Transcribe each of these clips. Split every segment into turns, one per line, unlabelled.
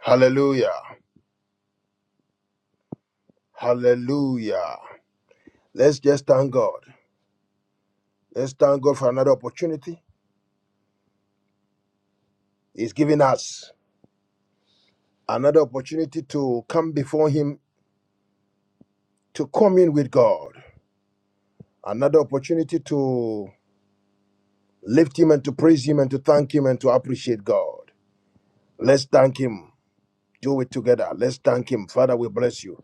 Hallelujah. Hallelujah. Let's just thank God. Let's thank God for another opportunity. He's giving us another opportunity to come before Him to commune with God, another opportunity to lift Him and to praise Him and to thank Him and to appreciate God. Let's thank Him. Do it together. Let's thank Him. Father, we bless you.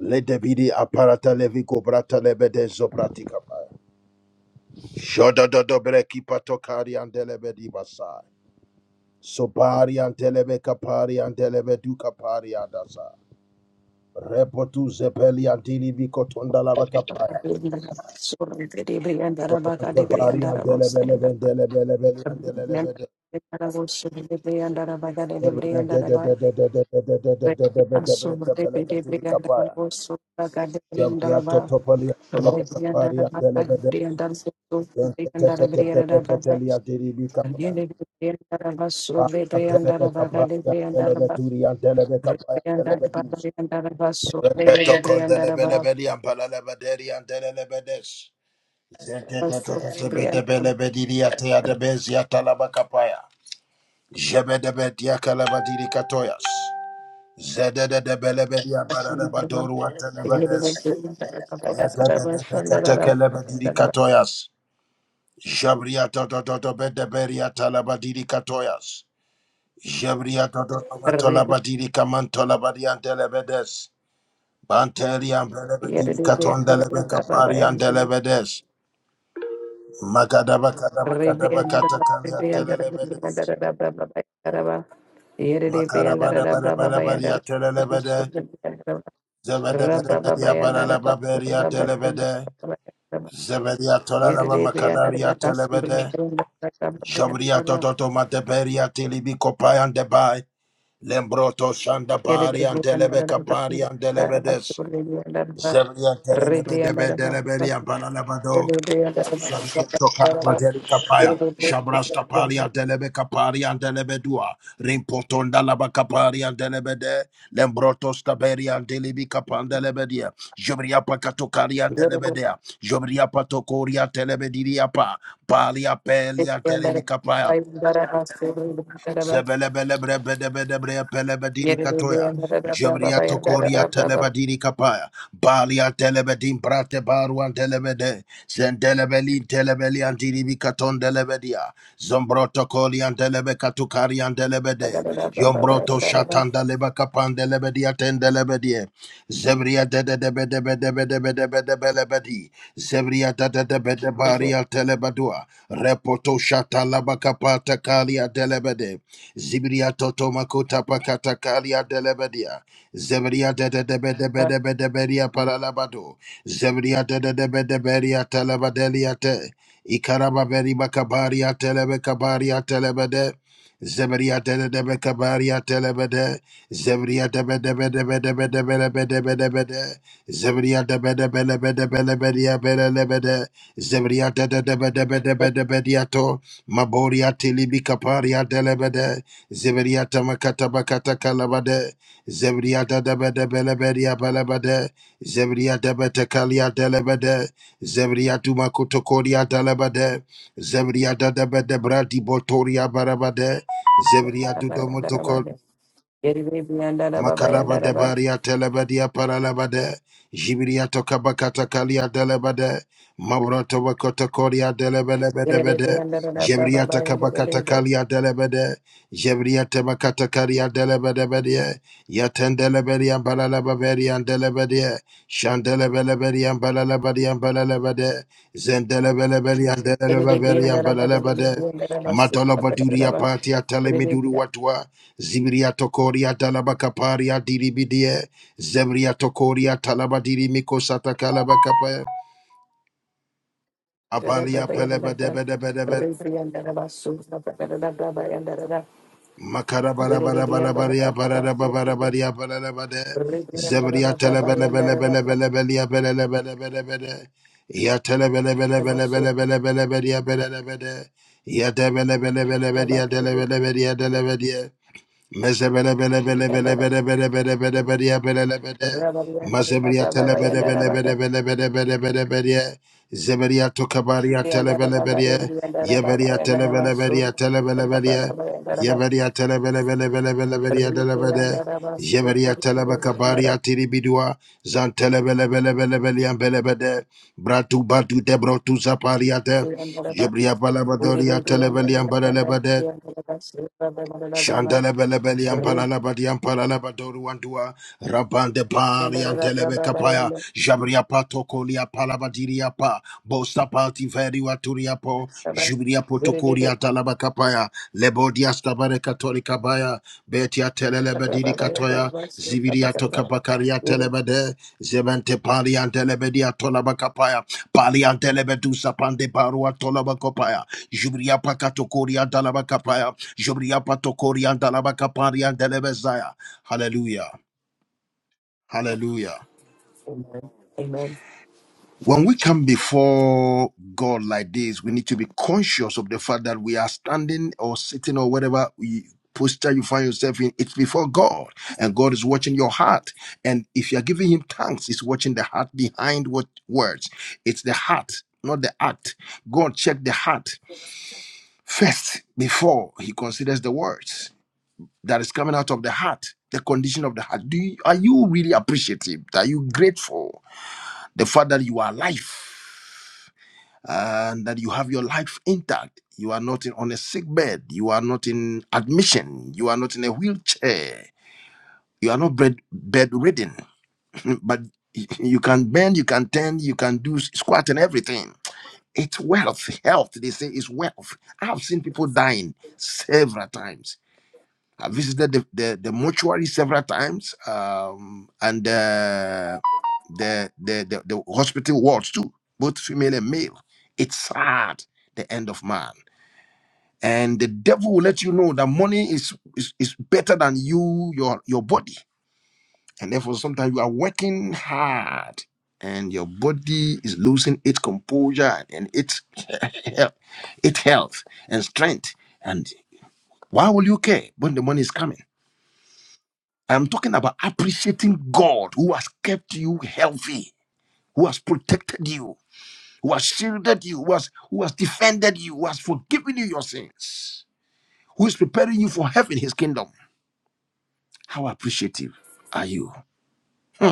Let the be the apparata levico brata lebede zopratica. Shodododo breki patokari and delebedi basa. Sopari antelebe kapari antelebe duka pari adasa. Repotu zepeli antili biko tonda lava
Brianda,
kapaya. Yobrante pari antelebe lebe antelebe lebe antelebe de. Debriya de de de de de de de de de de de de de de de tebele katuri kapaya. Debriya totopali antolobe kapari antelebe de. Dente te te te te te te teli antili bika paya. Antelebe kapaya antelebe turi antelebe kapaya antelebe du. Jabria Jabria
Rebriandara
Banteri and Belebe Divicaton Delebe Capari and Delebedes. Macadaba Cadaba Cadaba Catacalia Telebedes. Macarabada Badabaria Telebede. Zebedebedia Baralaba Beria Telebede. Zebedia Tolalaba Macadaria Telebede. Jobria Tototo Mateberia Tilibi Copai and Debai. Lembroto Shanda Bari and Delebe Capari and Delebedes. Zebria Telebede Bendelebedia Baralabado.
Yeri
Zebria tokana bazeli kapaya. Shabras kapari andelebe kapari delebe dua. Rimpotonda laba kapari delebe de. Lembroto staberi andelibi delebe dia. Jobria pakatokari andelebe dea. Jobria patokori delebe diria pa. Pali apeli andelebi kapaya. Zebelebelebrebedebedebreapelebediri katoya. Jobria tokoria telebadiri kapaya. Balia telebedim brate baruan telebede. Zendelebelin telebelian diribi katon delebedia. Zombroto kolian delebe katukarian delebede. Yombroto shatan deleba kapan delebedia ten delebedie. Zebria dedebedebedebedebedebedebedebedi. Zebria dedebedebaria telebadua. Repoto shatalabakapata kalia delebede. Zibiria totomakota pakatakalia delebedia. Zeberia de de de de de de Zebedia dedebedebedebedebedia paralabado. Zeberia de de de de dedebedebedia telebadelia te. Ikarababeri bakabaria telebekabaria telebede. Zeberia de de Zebedia dedebekabaria telebede. Zeberia de de de de de de de de. de de de debedebedebedebedebedebedebede. de debedebedebedebedebedebede. Zebria da da da ba da ba da ba da ba diato. Maboria tilibi kaparia delebede. Zebria tamakata bakata kalabade. Zebria da da ba da ba la ba dia ba la ba de. Zebria da ba ta kalia delebede. Zebria tuma kotokoria delebede. Zebria da da ba da bra di botoria barabade. Zebria du Makaraba de baria telebadia paralabade. Jibiria tokabakata kalia delebade. Mauroto wakota koria delebelebedebede. Jebria takabakata kalia delebede. Jebria tebakata kalia delebedebede. Yatendeleberia balalababeria delebede. Chandelebeleberia balalabadia balalabade. Zendelebeleberia delebeleberia balalabade. Madolabaduria patia telemiduru watua. Zibria tokoria talaba kaparia diribidie. Zebria tokoria talaba dirimiko sata kalaba kapaya.
Rebriandara
Abalia peleba debe debe debe. Makara bara bara bara baria bara bara bara baria bara bara bara. Zebria telebe lebe lebe lebe lebe lia bele lebe lebe lebe de. Ya telebe lebe lebe lebe lebe lebe lebe lia bele lebe de. Ya debe lebe lebe lebe lia de lebe lebe lia de lebe de. Mazebelia telebele bele bele bele bele bele bele bele Zebelia tokabaria telebele bele Yebelia telebele bele telebele bele Yebelia telebele bele bele bele bele bele Yebelia telebakabaria tiribidua Zantelebele bele bele bele bele bele Bratu batu debro tu zaparia de Jebria balabadoria telebele bele bele Shandala bele bele yampala la badi yampala la badoru wandua rabande
Amen.
pari antelebe kapaya
Amen.
jabria pato kolia pala badiria pa bosta pati veri waturia po jubria
Yere
potokuria talaba kapaya lebodia stabare katolika baya betia telele badiri katoya zibiria toka bakaria telebede zebente pari antelebe dia tolaba kapaya pali antelebe dusa pande barua tolaba kopaya jubria pakatokuria talaba kapaya Jobriapatokoriandalabakapariandelebezaya. Hallelujah. Hallelujah. When we come before God like this, we need to be conscious of the fact that we are standing or sitting or whatever we- posture you find yourself in. It's before God, and God is watching your heart. And if you're giving Him thanks, He's watching the heart behind what words. It's the heart, not the act. God check the heart first before He considers the words. that is coming out of the heart, the condition of the heart. Do you, are you really appreciative? Are you grateful the fact that you are alive and that you have your life intact? You are not in, on a sick bed. You are not in admission. You are not in a wheelchair. You are not bed, bedridden, but you can bend, you can tend, you can do squat and everything. It's wealth. Health, they say, is wealth. I've seen people dying several times I visited the, the, the mortuary several times um, and uh, the, the, the, the hospital wards too, both female and male. It's sad, the end of man. And the devil will let you know that money is, is, is better than you, your, your body. And therefore, sometimes you are working hard and your body is losing its composure and its, its health and strength. And why will you care when the money is coming? I'm talking about appreciating God who has kept you healthy, who has protected you, who has shielded you, who has, who has defended you, who has forgiven you your sins, who is preparing you for heaven, his kingdom. How appreciative are you? Hmm.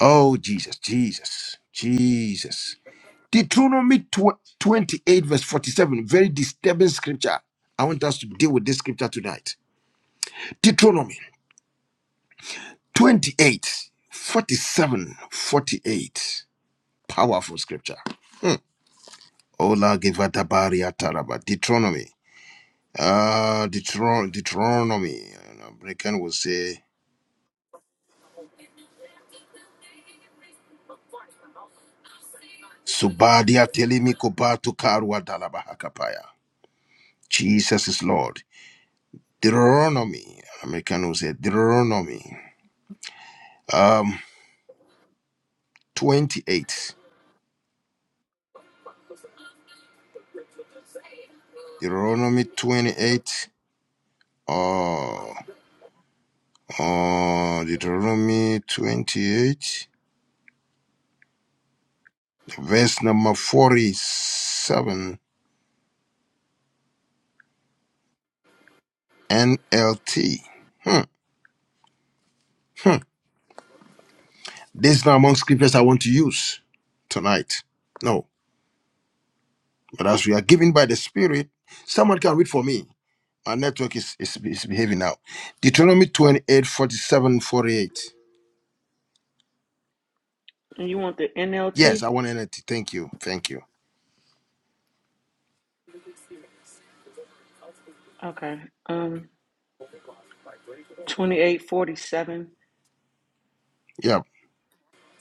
Oh, Jesus, Jesus, Jesus. Deuteronomy tw- 28, verse 47, very disturbing scripture. I want us to deal with this scripture tonight. Deuteronomy 28, 47, 48. Powerful scripture. Hmm. Ola givadabaria taraba. Deuteronomy. Uh, Deuteron- Deuteronomy. An American will say, Subadia telimi kubatu karwa dalaba hakapaya. Jesus is Lord. Deuteronomy. An American will say, Deuteronomy. Um, 28. Deuteronomy 28. Oh, oh, Deuteronomy 28. Verse number 47. NLT. Hmm, hmm. This is not among scriptures I want to use tonight. No, but as we are given by the Spirit, someone can read for me. My network is, is, is behaving now. Deuteronomy twenty eight forty seven forty eight.
And you want the
Yes,
NLT?
I want NLT. Thank you. Thank you.
Okay. Um, 2847,
Yeah.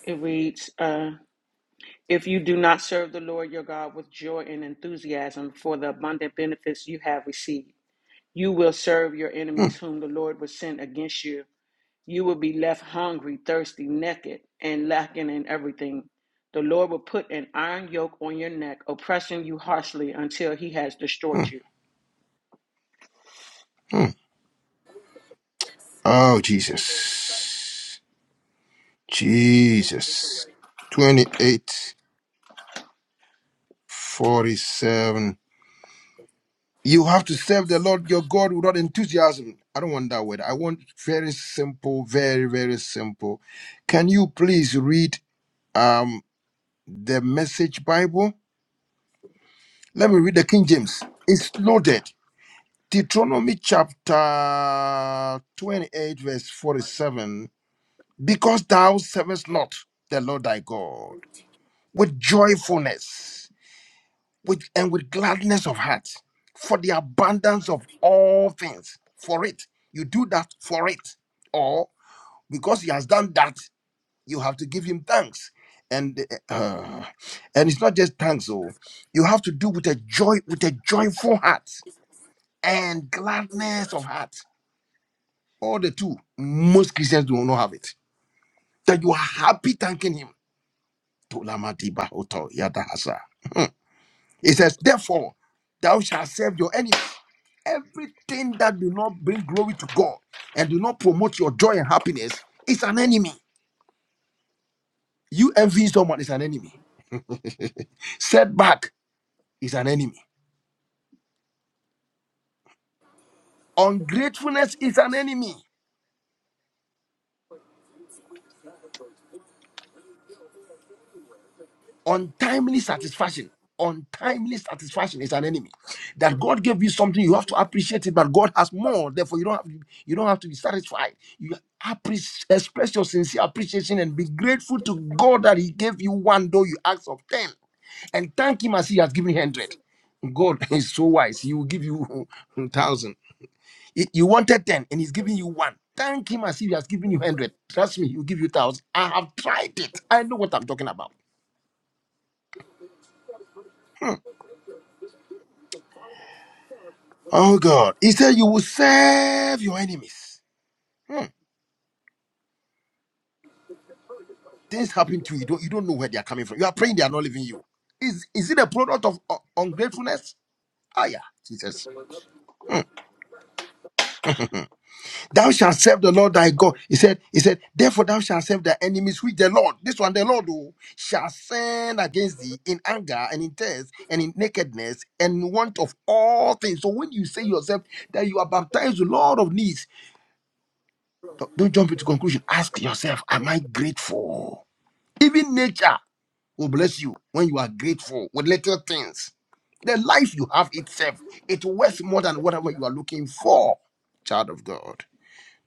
it reads, uh, If you do not serve the Lord your God with joy and enthusiasm for the abundant benefits you have received, you will serve your
Hmm,
enemies whom the Lord will send against you. You will be left hungry, thirsty, naked, and lacking in everything. The Lord will put an iron yoke on your neck, oppressing you harshly until he has
hmm,
destroyed you.
hmm. Oh, Jesus. Jesus. 28 47. You have to serve the Lord your God without enthusiasm. I don't want that word. I want very simple, very, very simple. Can you please read um, the message Bible? Let me read the King James. It's loaded. Deuteronomy chapter 28, verse 47. Because thou servest not the Lord thy God with joyfulness with and with gladness of heart for the abundance of all things for it you do that for it or because he has done that you have to give him thanks and uh, and it's not just thanks oh you have to do with a joy with a joyful heart and gladness of heart all the two most christians do not have it that you are happy thanking him Tolama diba oto yada It says, Therefore, thou shalt serve your enemies. Everything that do not bring glory to God and do not promote your joy and happiness is an enemy. You envy someone is an enemy. Setback is an enemy. Ungratefulness is an enemy. Untimely satisfaction. Untimely satisfaction is an enemy. That God gave you something, you have to appreciate it, but God has more. Therefore, you don't have to, you don't have to be satisfied. You appreciate, express your sincere appreciation and be grateful to God that He gave you one, though you asked of ten, and thank Him as He has given you hundred. God is so wise; He will give you thousand. You you wanted ten, and He's giving you one. Thank Him as if He has given you hundred. Trust me, He will give you thousand. I have tried it. I know what I'm talking about. Hmm. Oh God. He said you will serve your enemies. Hmm. Things happen to you. You don't, you don't know where they are coming from. You are praying, they are not leaving you. Is is it a product of uh, ungratefulness? Ah yeah, Jesus. Hmm. thou shalt serve the Lord thy God. He said, He said, Therefore thou shalt serve thy enemies which the Lord, this one the Lord who shall send against thee in anger and in thirst and in nakedness and in want of all things. So when you say yourself that you are baptized, the Lord of needs, Don't jump into conclusion. Ask yourself, am I grateful? Even nature will bless you when you are grateful with little things. The life you have itself, it's worth more than whatever you are looking for, child of God.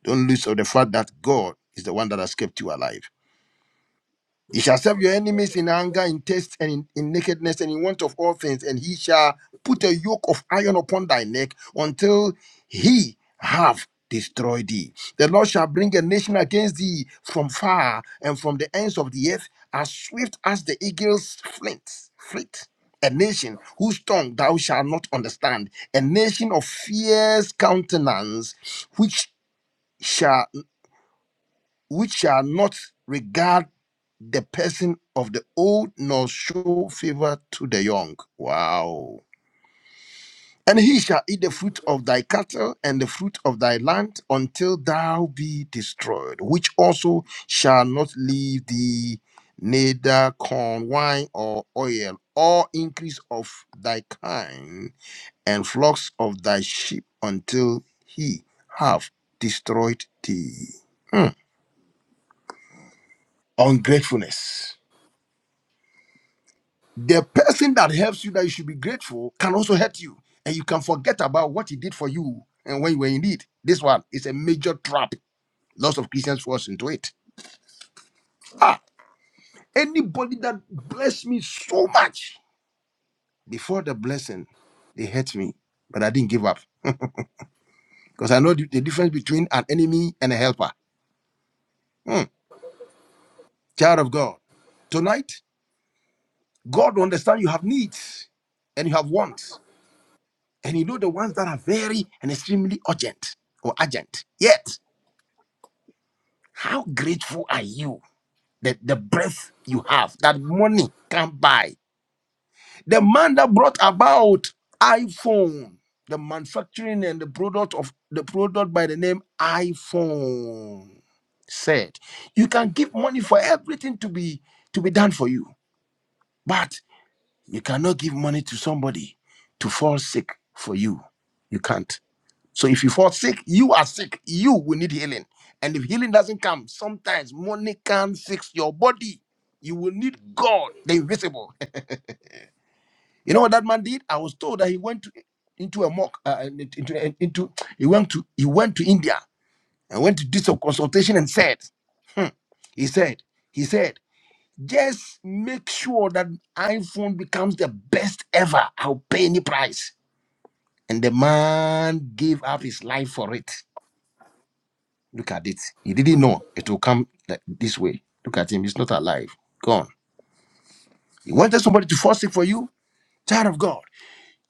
Don't lose of the fact that God is the one that has kept you alive. You shall serve your enemies in anger, in thirst, and in, in nakedness, and in want of all things, and he shall put a yoke of iron upon thy neck until he have destroyed thee. The Lord shall bring a nation against thee from far and from the ends of the earth, as swift as the eagle's flint. fleet. A nation whose tongue thou shalt not understand, a nation of fierce countenance, which shall which shall not regard the person of the old nor show favor to the young. Wow. And he shall eat the fruit of thy cattle and the fruit of thy land until thou be destroyed, which also shall not leave thee neither corn, wine, or oil, or increase of thy kind, and flocks of thy sheep until he have destroyed thee. Hmm. Ungratefulness the person that helps you that you should be grateful can also hurt you and you can forget about what he did for you and when you were in need this one is a major trap lots of christians falls into it ah anybody that blessed me so much before the blessing they hurt me but i didn't give up because i know the, the difference between an enemy and a helper Hmm. child of god tonight god will understand you have needs and you have wants and you know the ones that are very and extremely urgent or urgent yet How grateful are you that the breath you have, that money can buy? The man that brought about iPhone, the manufacturing and the product of the product by the name iPhone said, you can give money for everything to be to be done for you, but you cannot give money to somebody to fall sick for you. You can't. So if you fall sick, you are sick. You will need healing. And if healing doesn't come, sometimes money can not fix your body. You will need God, the invisible. You know what that man did? I was told that he went to, into a mock uh, into, into into- he went to he went to India and went to do some consultation and said, hmm, he said he said just make sure that iPhone becomes the best ever. I'll pay any price. And the man gave up his life for it. Look at it. He didn't know it will come like this way. Look at him. He's not alive. Gone. You wanted somebody to force it for you? Child of God,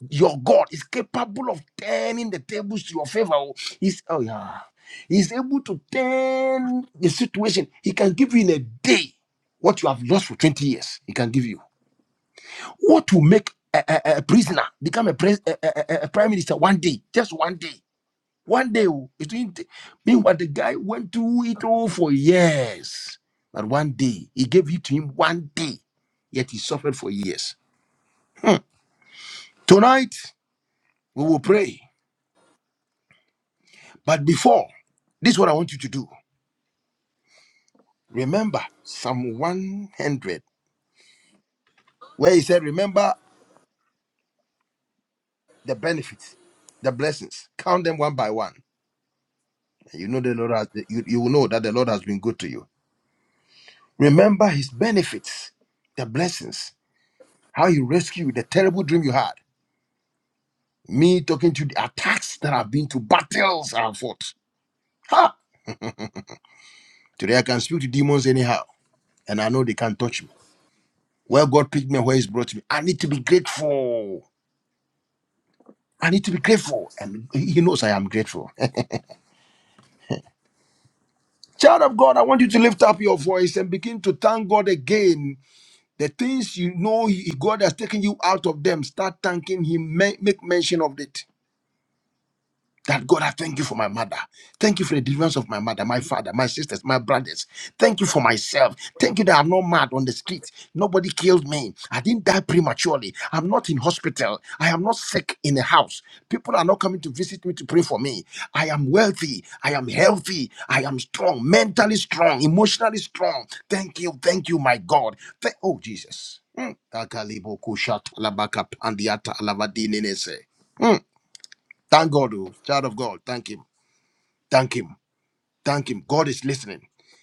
your God is capable of turning the tables to your favor. oh. He's oh yeah. He's able to turn the situation. He can give you in a day what you have lost for 20 years. He can give you. What will make a, a, a prisoner become a, pres- a, a, a a prime minister one day? Just one day. One day, oh, it didn't. Meanwhile, the guy went through it all for years. But one day, he gave it to him one day, yet he suffered for years. Hmm. Tonight, we will pray. But before, this is what I want you to do. Remember Psalm 100, where he said, Remember the benefits, the blessings, count them one by one. And you know the Lord has, you, you will know that the Lord has been good to you. Remember his benefits, the blessings, how he rescued the terrible dream you had Me talking to the attacks that I've been to, battles I've fought. Ha! Today I can speak to demons anyhow, and I know they can't touch me. Where God picked me, and where He's brought me, I need to be grateful. I need to be grateful, and He knows I am grateful. Child of God, I want you to lift up your voice and begin to thank God again. The things you know He- God has taken you out of them, start thanking Him. Ma- Make mention of it. That God, I thank you for my mother. Thank you for the deliverance of my mother, my father, my sisters, my brothers. Thank you for myself. Thank you that I'm not mad on the street. Nobody killed me. I didn't die prematurely. I'm not in hospital. I am not sick in a house. People are not coming to visit me to pray for me. I am wealthy. I am healthy. I am strong, mentally strong, emotionally strong. Thank you. Thank you, my God. Thank- oh, Jesus. Mm. Akalibo kushat alabaka pandiata alavadinenese. Thank God, oh, child of God. Thank Him. Thank Him. Thank Him. God is listening.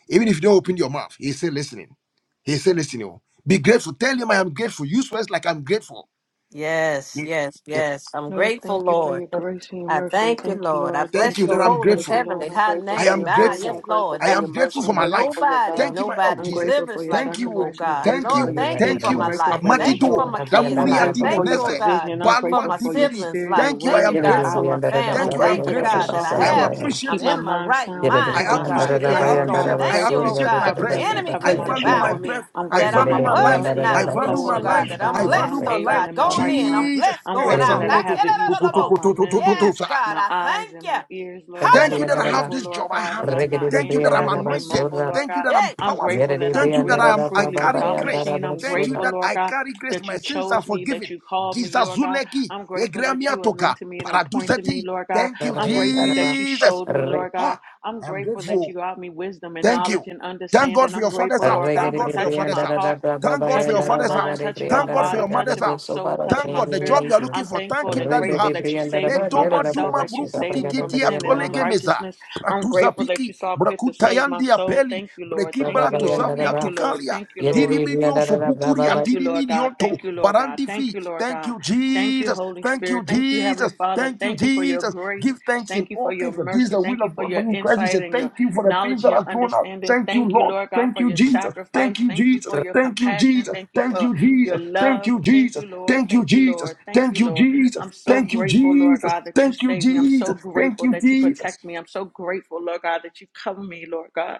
Even if you don't open your mouth, He's still listening. He's still listening. oh. Be grateful. Tell Him I am grateful. Use words like I'm grateful.
Yes,
Mm.
yes, yes. I'm
Lord,
grateful,
thank you for
Lord.
your grace and your
I
mercy.
thank you,
Thank you,
Lord. I
Lord.
Thank
bless
Thank
you
you,
your
that I'm
Lord.
holy,
Thank you,
grateful.
Lord.
heavenly,
I'm
high
grateful
I
for
name.
am
your
Ah,
grace.
yes,
I'm
grateful.
grateful
Lord.
I
for
Ah,
your
am grateful
mercy.
for
I'm
my
grateful for
life.
your
Nobody,
love.
Thank you, my oh
nobody
I'm
Jesus.
grateful for
delivers
your
like
Thank you.
you, oh
oh.
sacrifice. I'm
God.
Thank
grateful for
Lord,
you.
your
thank you
Thank
for
peace. I'm
my
you.
grateful
life.
for your
Thank you
Amadido.
for
joy.
my kids'
I'm
Damulia
life.
grateful
Thank
for your
you, oh
Dimonese.
God,
provision. I'm
for
grateful
Balwan
my
for your
Dibiri.
siblings'
spirit, your
life.
Thank you. I
Thank
word,
you,
am
your
God, for
grateful.
my
power.
family.
I'm
Thank you. I am
Thank
grateful
you,
that you
God,
grateful.
that
saw
I
I
fit
am
to
have,
keep
I'm
my
appreciative.
in my
mind
right
sound and
I
keep
mind, oh
my heart
God.
appreciate, I
pure,
Yes,
Lord God.
Lord.
appreciate,
I'm
I
Thank you,
grateful
oh
that you
appreciate my
God, that
cover
the
me
breath.
and you
enemy
cover
I
couldn't
my
value my
devour
children.
me
breath.
I'm
I
that
grateful
I'm
value
that
my
I'm
above
life.
and
healthy and
not
I
I'm
beneath,
value
oh
whole
my
and I'm
God,
life.
that I'm
I
strong and
value
blessed,
I'm
my
oh
life.
able
God,
in my
going
right
in,
mind.
I'm
Jesus.
blessed
I'm
Yeah, yeah.
going
grateful
out.
that I
I
Samuno
have the
toko.
use of
Toko,
all
toko,
can't,
my
to, to, to,
limbs
to,
and
to,
yes,
sir.
God,
my
I
eyes
thank
and
you.
my ears, Lord God.
Thank you
I'm
that I
Hallelujah.
have
grateful,
this
Lord
job. I
God, that
have it.
I'm not
Thank you that I'm
handicapped or
anointed.
immobile, Lord
Thank you
God.
that I'm
Yeah.
I'm
powerful.
grateful
Yere
that I'm
Thank you that I
breathing
am I
freely
carry
without
grace.
machine. I'm
Thank you
grateful,
that
Lord
I
God,
carry grace.
that
My
you
sins are
chose me, that
forgiven.
you called me, Lord God.
Gizazuleki.
I'm grateful that
Egremia
you
toka.
anointed me and appointed me,
Paraduseti.
Lord God.
Thank you,
I'm grateful that you
Jesus.
showed me, Lord God.
Huh.
I'm
I'm
grateful that
grateful.
you got me wisdom and
Thank
knowledge
you.
and
Thank God
understanding.
for
I'm
your father's
grateful,
house.
Lord God,
Thank
for
God for your
touching
father's
my
house.
heart
Thank God for your
touching my
father's
mind,
house.
touching my
Thank God for
body,
your mother's
touching my
house.
soul, touching
Thank
my
God the
spirit.
job you are looking
I'm
for.
thankful
Thank Him
and
that you
grateful
have it.
that you saved
Ne
me from
doma
myself,
duma
that you
bruku
saved me from
tititia
sin and
tolege meza.
unrighteousness. I'm
Pratuza
grateful that you
piki
saw fit to
brakuta
save my
yandi
soul.
apeli
Thank you, Lord.
breki
Thank you,
bratu
Lord.
zavia
Thank you, Lord.
tukalia.
Thank you, Lord.
Diriminioso, bukuria,
Thank you, Lord God.
diriminionto,
Thank you, Lord God. Thank
barandifi.
you, Lord
Thank
God.
you,
Thank you,
Jesus.
Holy
Thank
Spirit.
you,
Thank you, Heavenly
Jesus.
Father.
Thank you,
Thank you for your
Jesus.
grace.
Give thanks in
Thank you for
all
your
things, for this is
mercy.
the
Thank
will
you
of
for
God for
your
you in Christ. He
insight
said,
and your
Thank you for the things
knowledge and
that
your
are thrown out.
understanding.
Thank you,
Thank you,
Lord.
Lord God,
Thank
for
you,
your
Jesus. Thank
sacrifice.
you,
Thank you
Jesus.
for your
Thank you,
compassion.
Jesus.
Thank you
Thank
for
you,
your
Jesus. Thank
love.
you,
Thank
Jesus.
you, Lord.
Thank you,
Thank you,
Jesus.
Lord. Thank
Thank
you,
you,
Lord.
Jesus.
I'm so
Thank you,
grateful, Lord
Jesus.
God, that you
Thank you,
saved me. I'm so
Jesus. Thank
grateful
you,
that you
Jesus.
protect me. I'm so grateful, Lord God, that you cover me, Lord God.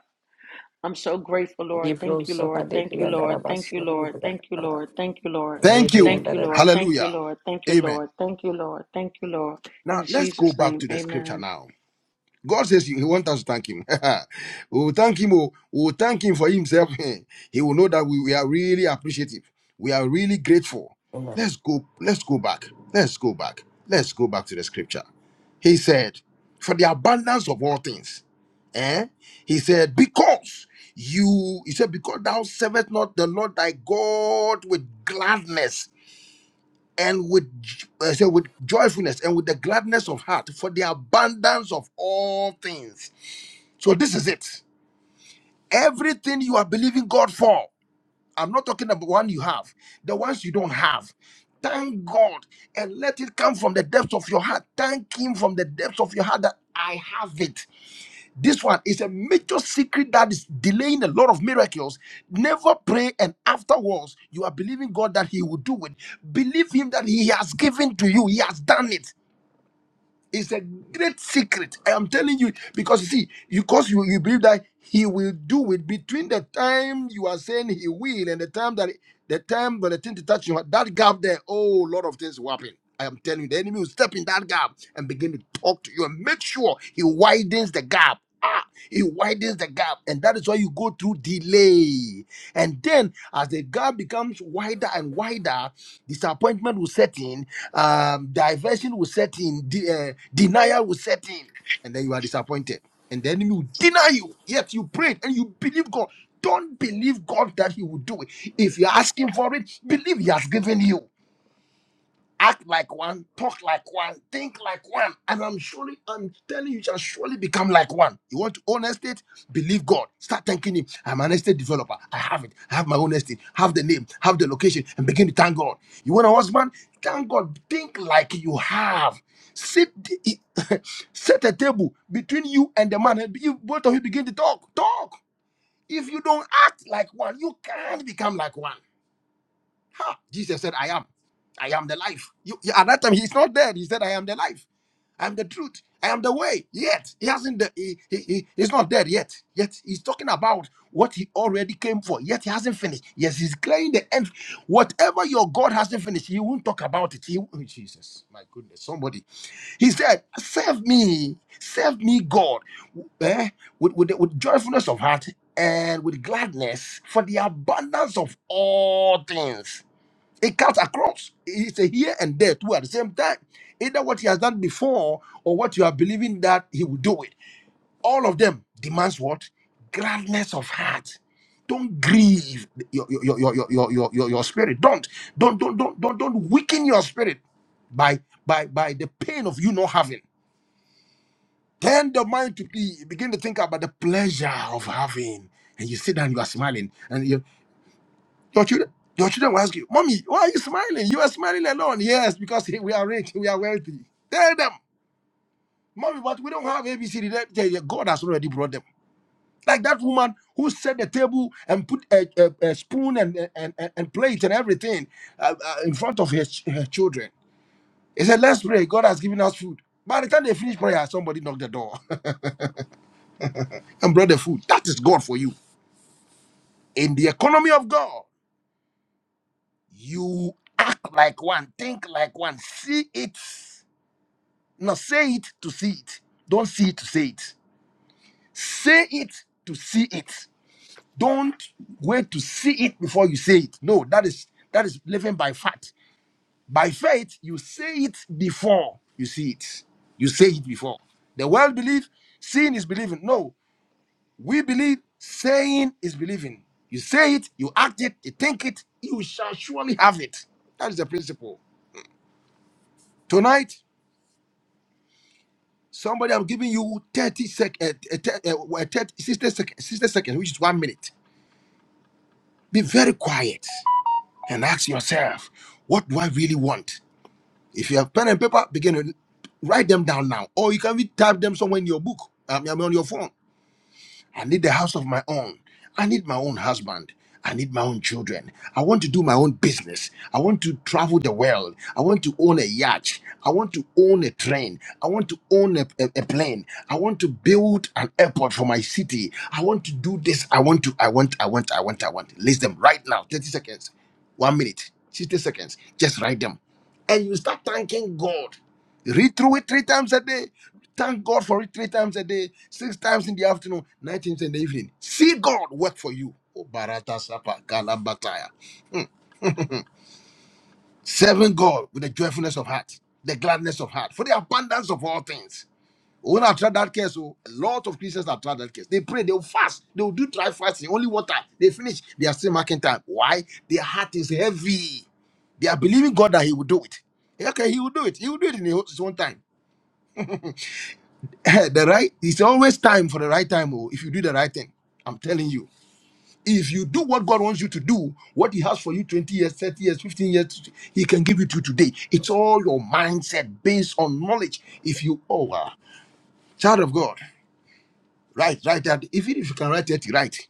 I'm so grateful, Lord.
Hebrew
Thank you,
soka
Lord.
de
Thank you,
briandara
Lord. Thank
basu
you, Lord. Thank you,
briandara
Lord. Thank you, Lord.
Thank you.
Thank you, Lord. Thank you,
Hallelujah.
Lord. Thank you,
Amen.
Lord. Thank you, Lord. Thank you, Lord.
Now
In
let's go
Jesus'
back
name,
to the scripture
amen.
now. God says he, he wants us to thank him. we will thank him. oh, We will thank him for himself. he will know that we, we are really appreciative. We are really grateful. Let's go. Let's go back. Let's go back. Let's go back to the scripture. He said, "For the abundance of all things." Eh? He said, "Because you," he said, "Because thou servest not the Lord thy God with gladness." And with j- uh, say with joyfulness and with the gladness of heart for the abundance of all things so this is it. Everything you are believing God for, I'm not talking about one you have, the ones you don't have. Thank God and let it come from the depths of your heart. Thank Him from the depths of your heart that I have it. This one is a major secret that is delaying a lot of miracles. Never pray and afterwards you are believing God that He will do it. Believe Him that He has given to you, He has done it. It's a great secret. I am telling you because you see, because you, you believe that he will do it between the time you are saying he will and the time that the time when the thing to touch you, that gap there, oh, a lot of things will happen. I am telling you, the enemy will step in that gap and begin to talk to you and make sure he widens the gap. Ah, he widens the gap, and that is why you go through delay. And then, as the gap becomes wider and wider, disappointment will set in um, diversion will set in, de- uh, denial will set in, and then you are disappointed. And the enemy will deny you. Yet you prayed and you believe God. Don't believe God that He will do it. If you're asking for it, believe He has given you act like one, talk like one, think like one. And I'm surely, I'm telling you, you shall surely become like one. You want to own estate? Believe God. Start thanking Him. I'm an estate developer. I have it. I have my own estate. Have the name, have the location, and begin to thank God. You want a husband? Thank God. Think like you have. Sit, set a table between you and the man, and you, both of you begin to talk. Talk. If you don't act like one, you can't become like one. Ha! Jesus said, I am. I am the life. You, you- at that time, he's not dead. He said, I am the life. I am the truth. I am the way. Yet, he hasn't, de- he, he, he- he's not dead yet. Yet, he's talking about what he already came for. Yet, he hasn't finished. Yes, he's clearing the end. Whatever your God hasn't finished, he won't talk about it. He, oh, Jesus, my goodness, somebody. He said, Save me, save me, God, eh, with, with, with joyfulness of heart and with gladness for the abundance of all things. It cuts across. It's a here and there too at the same time. Either what he has done before or what you are believing that he will do it. All of them demands what? Gladness of heart. Don't grieve your your your your your your, your, your spirit. Don't don't don't don't don't don't weaken your spirit by by by the pain of you not having. Turn the mind to be begin to think about the pleasure of having. And you sit down, you are smiling, and your children, your children will ask you, Mommy, why are you smiling? You are smiling alone. Yes, because we are rich, we are wealthy. Tell them, Mommy, but we don't have ABCD. They- they- they- God has already brought them. Like that woman who set the table and put a, a, a spoon and, and, and, and plate and everything uh, uh, in front of her, ch- her children. He said, Let's pray. God has given us food. By the time they finish prayer, somebody knocked the door and brought the food. That is God for you. In the economy of God, you act like one, think like one, see it Now say it to see it. Don't see it to say it. Say it to see it. Don't wait to see it before you say it. No, that is that is living by faith. By faith, you say it before you see it. You say it before. The world believe seeing is believing. No, we believe saying is believing. You say it, you act it, you think it, you shall surely have it. That is the principle. Tonight, Somebody, I'm giving you 30 sec, uh, uh, uh, uh, 30, sec, 60 seconds, which is one minute. Be very quiet and ask yourself, what do I really want? If you have pen and paper, begin to write them down now, or you can even type them somewhere in your book, um, I mean, on your phone. I need a house of my own. I need my own husband. I need my own children. I want to do my own business. I want to travel the world. I want to own a yacht. I want to own a train. I want to own a, a, a plane. I want to build an airport for my city. I want to do this. I want to, I want, I want, I want, I want. List them right now 30 seconds, one minute, 60 seconds. Just write them. And you start thanking God. Read through it three times a day. Thank God for it three times a day, six times in the afternoon, nine times in the evening. See God work for you. Oh, Barata Sapa, Galabataya. Serving God with the joyfulness of heart, the gladness of heart, for the abundance of all things. When I tried that case, oh, a lot of Christians have tried that case. They pray, they'll fast, they'll do dry fasting, only water. They finish, they are still marking time. Why? Their heart is heavy. They are believing God that He will do it. Okay, He will do it. He will do it in His own time. the right it's always time for the right time oh, if you do the right thing i'm telling you if you do what god wants you to do what he has for you 20 years 30 years 15 years he can give it to you today it's all your mindset based on knowledge if you oh wow child of god right right that if if you can write it right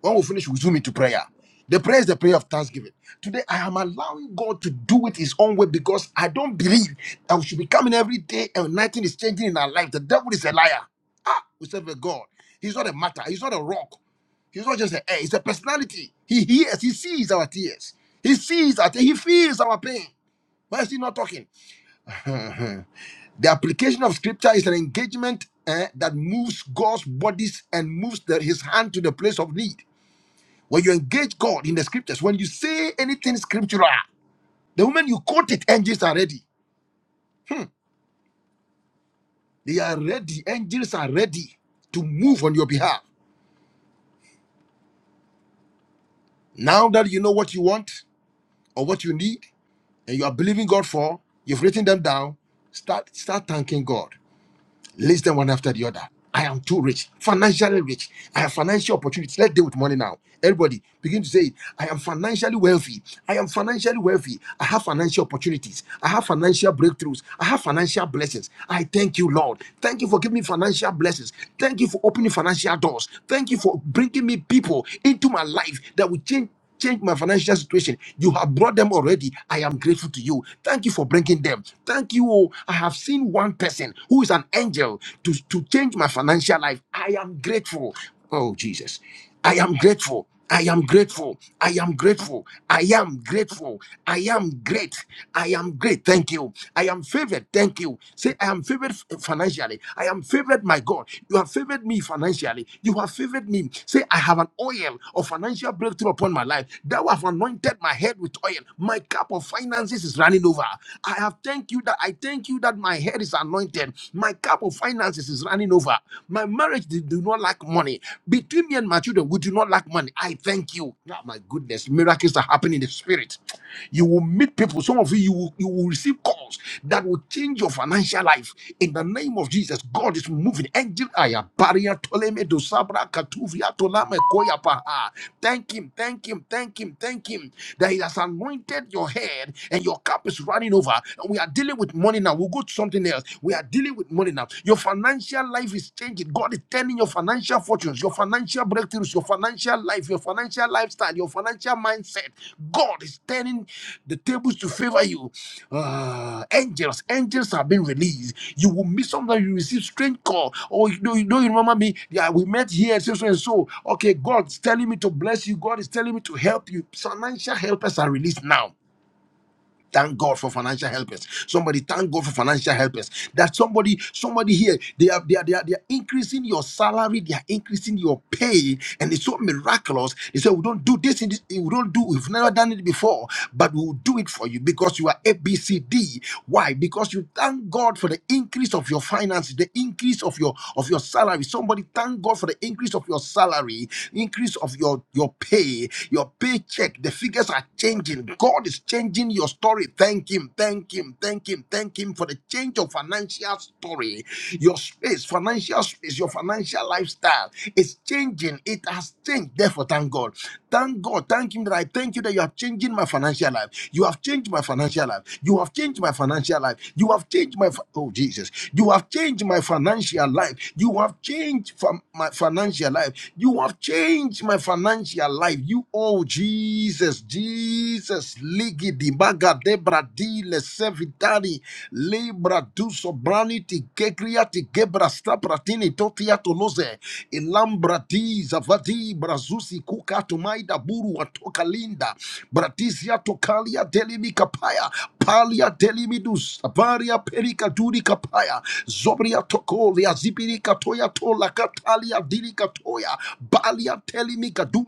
When we finish, we zoom into prayer. The prayer is the prayer of thanksgiving. Today, I am allowing God to do it His own way because I don't believe that we should be coming every day and nothing is changing in our life. The devil is a liar. Ah, we serve a God. He's not a matter. He's not a rock. He's not just an air. He's a personality. He hears. He sees our tears. He sees our. tears. He feels our pain. Why is he not talking? the application of scripture is an engagement eh, that moves God's bodies and moves the- his hand to the place of need. When you engage God in the scriptures, when you say anything scriptural, the moment you quote it, angels are ready. They are ready. Angels are ready to move on your behalf. Now that you know what you want or what you need and you are believing God for, you've written them down, start start thanking God. List them one after the other. I am too rich, financially rich. I have financial opportunities. Let's deal with money now. Everybody begin to say, it. I am financially wealthy. I am financially wealthy. I have financial opportunities. I have financial breakthroughs. I have financial blessings. I thank you, Lord. Thank you for giving me financial blessings. Thank you for opening financial doors. Thank you for bringing me people into my life that will change. Change my financial situation. You have brought them already. I am grateful to you. Thank you for bringing them. Thank you. oh, I have seen one person who is an angel to, to change my financial life. I am grateful. Oh, Jesus. I am grateful. I am grateful. I am grateful. I am grateful. I am great. I am great. Thank you. I am favored. Thank you. Say, I am favored f- financially. I am favored, my God. You have favored me financially. You. You have favored me. Say, I have an oil of financial breakthrough upon my life. Thou have anointed my head with oil. My cup of finances is running over. I have thank you that I thank you that my head is anointed. My cup of finances is running over. My marriage did- do not lack money. Between me and my children, we do not lack money. I thank you. Ah, my goodness, miracles are happening in the spirit. You will meet people. Some of you, you will, you will receive calls that will change your financial life in the name name of Jesus, God is moving. Angel Aya, Baria Toleme Dosabra Katuvia Tolame Koyapaha. Thank Him, thank Him, thank Him, thank Him that He has anointed your head and your cup is running over. And we are dealing with money now. We'll go to something else. We are dealing with money now. Your financial life is changing. God is turning your financial fortunes, your financial breakthroughs, your financial life, your financial lifestyle, your financial mindset. God is turning the tables to favor you. Ah, angels, angels have been released. You will meet sometimes you receive strange call. Oh, you know, you know, you remember me? Yeah, we met here, so, so and so. Okay, God's telling me to bless you. God is telling me to help you. Financial helpers are released now. Thank God for financial helpers. Somebody thank God for financial helpers. That somebody, somebody here, they are they are, they are they are increasing your salary, they are increasing your pay, and it's so miraculous. They say we don't do this, in this we don't do, we've never done it before, but we will do it for you because you are ABCD. Why? Because you thank God for the increase of your finances, the increase of your of your salary. Somebody thank God for the increase of your salary, increase of your your pay, your paycheck. The figures are changing. God God is changing your story. Thank Him, thank Him, thank Him, thank Him for the change of financial story. Your space, financial space, your financial lifestyle is changing. It has changed. Therefore, thank God. Thank God. Thank Him that I thank you that you have changed my financial life. You have changed my financial life. You have changed my financial life. You have changed my, fi- oh Jesus, you have changed my financial life. You have changed from my financial life. You have changed my financial life. You, oh Jesus. Jesus, Jesus, ligi di maga debra di le sevitani, libra du sobrani ti kekria ti gebra stapratini totia tonoze, ilambra di zavadi brazusi kuka tumaida buru atoka linda, bratisia tokalia delimi kapaya, palia delimi dus, avaria perika duri kapaya, zobria tokolia zibiri katoya tola katalia diri katoya, balia telimi kadum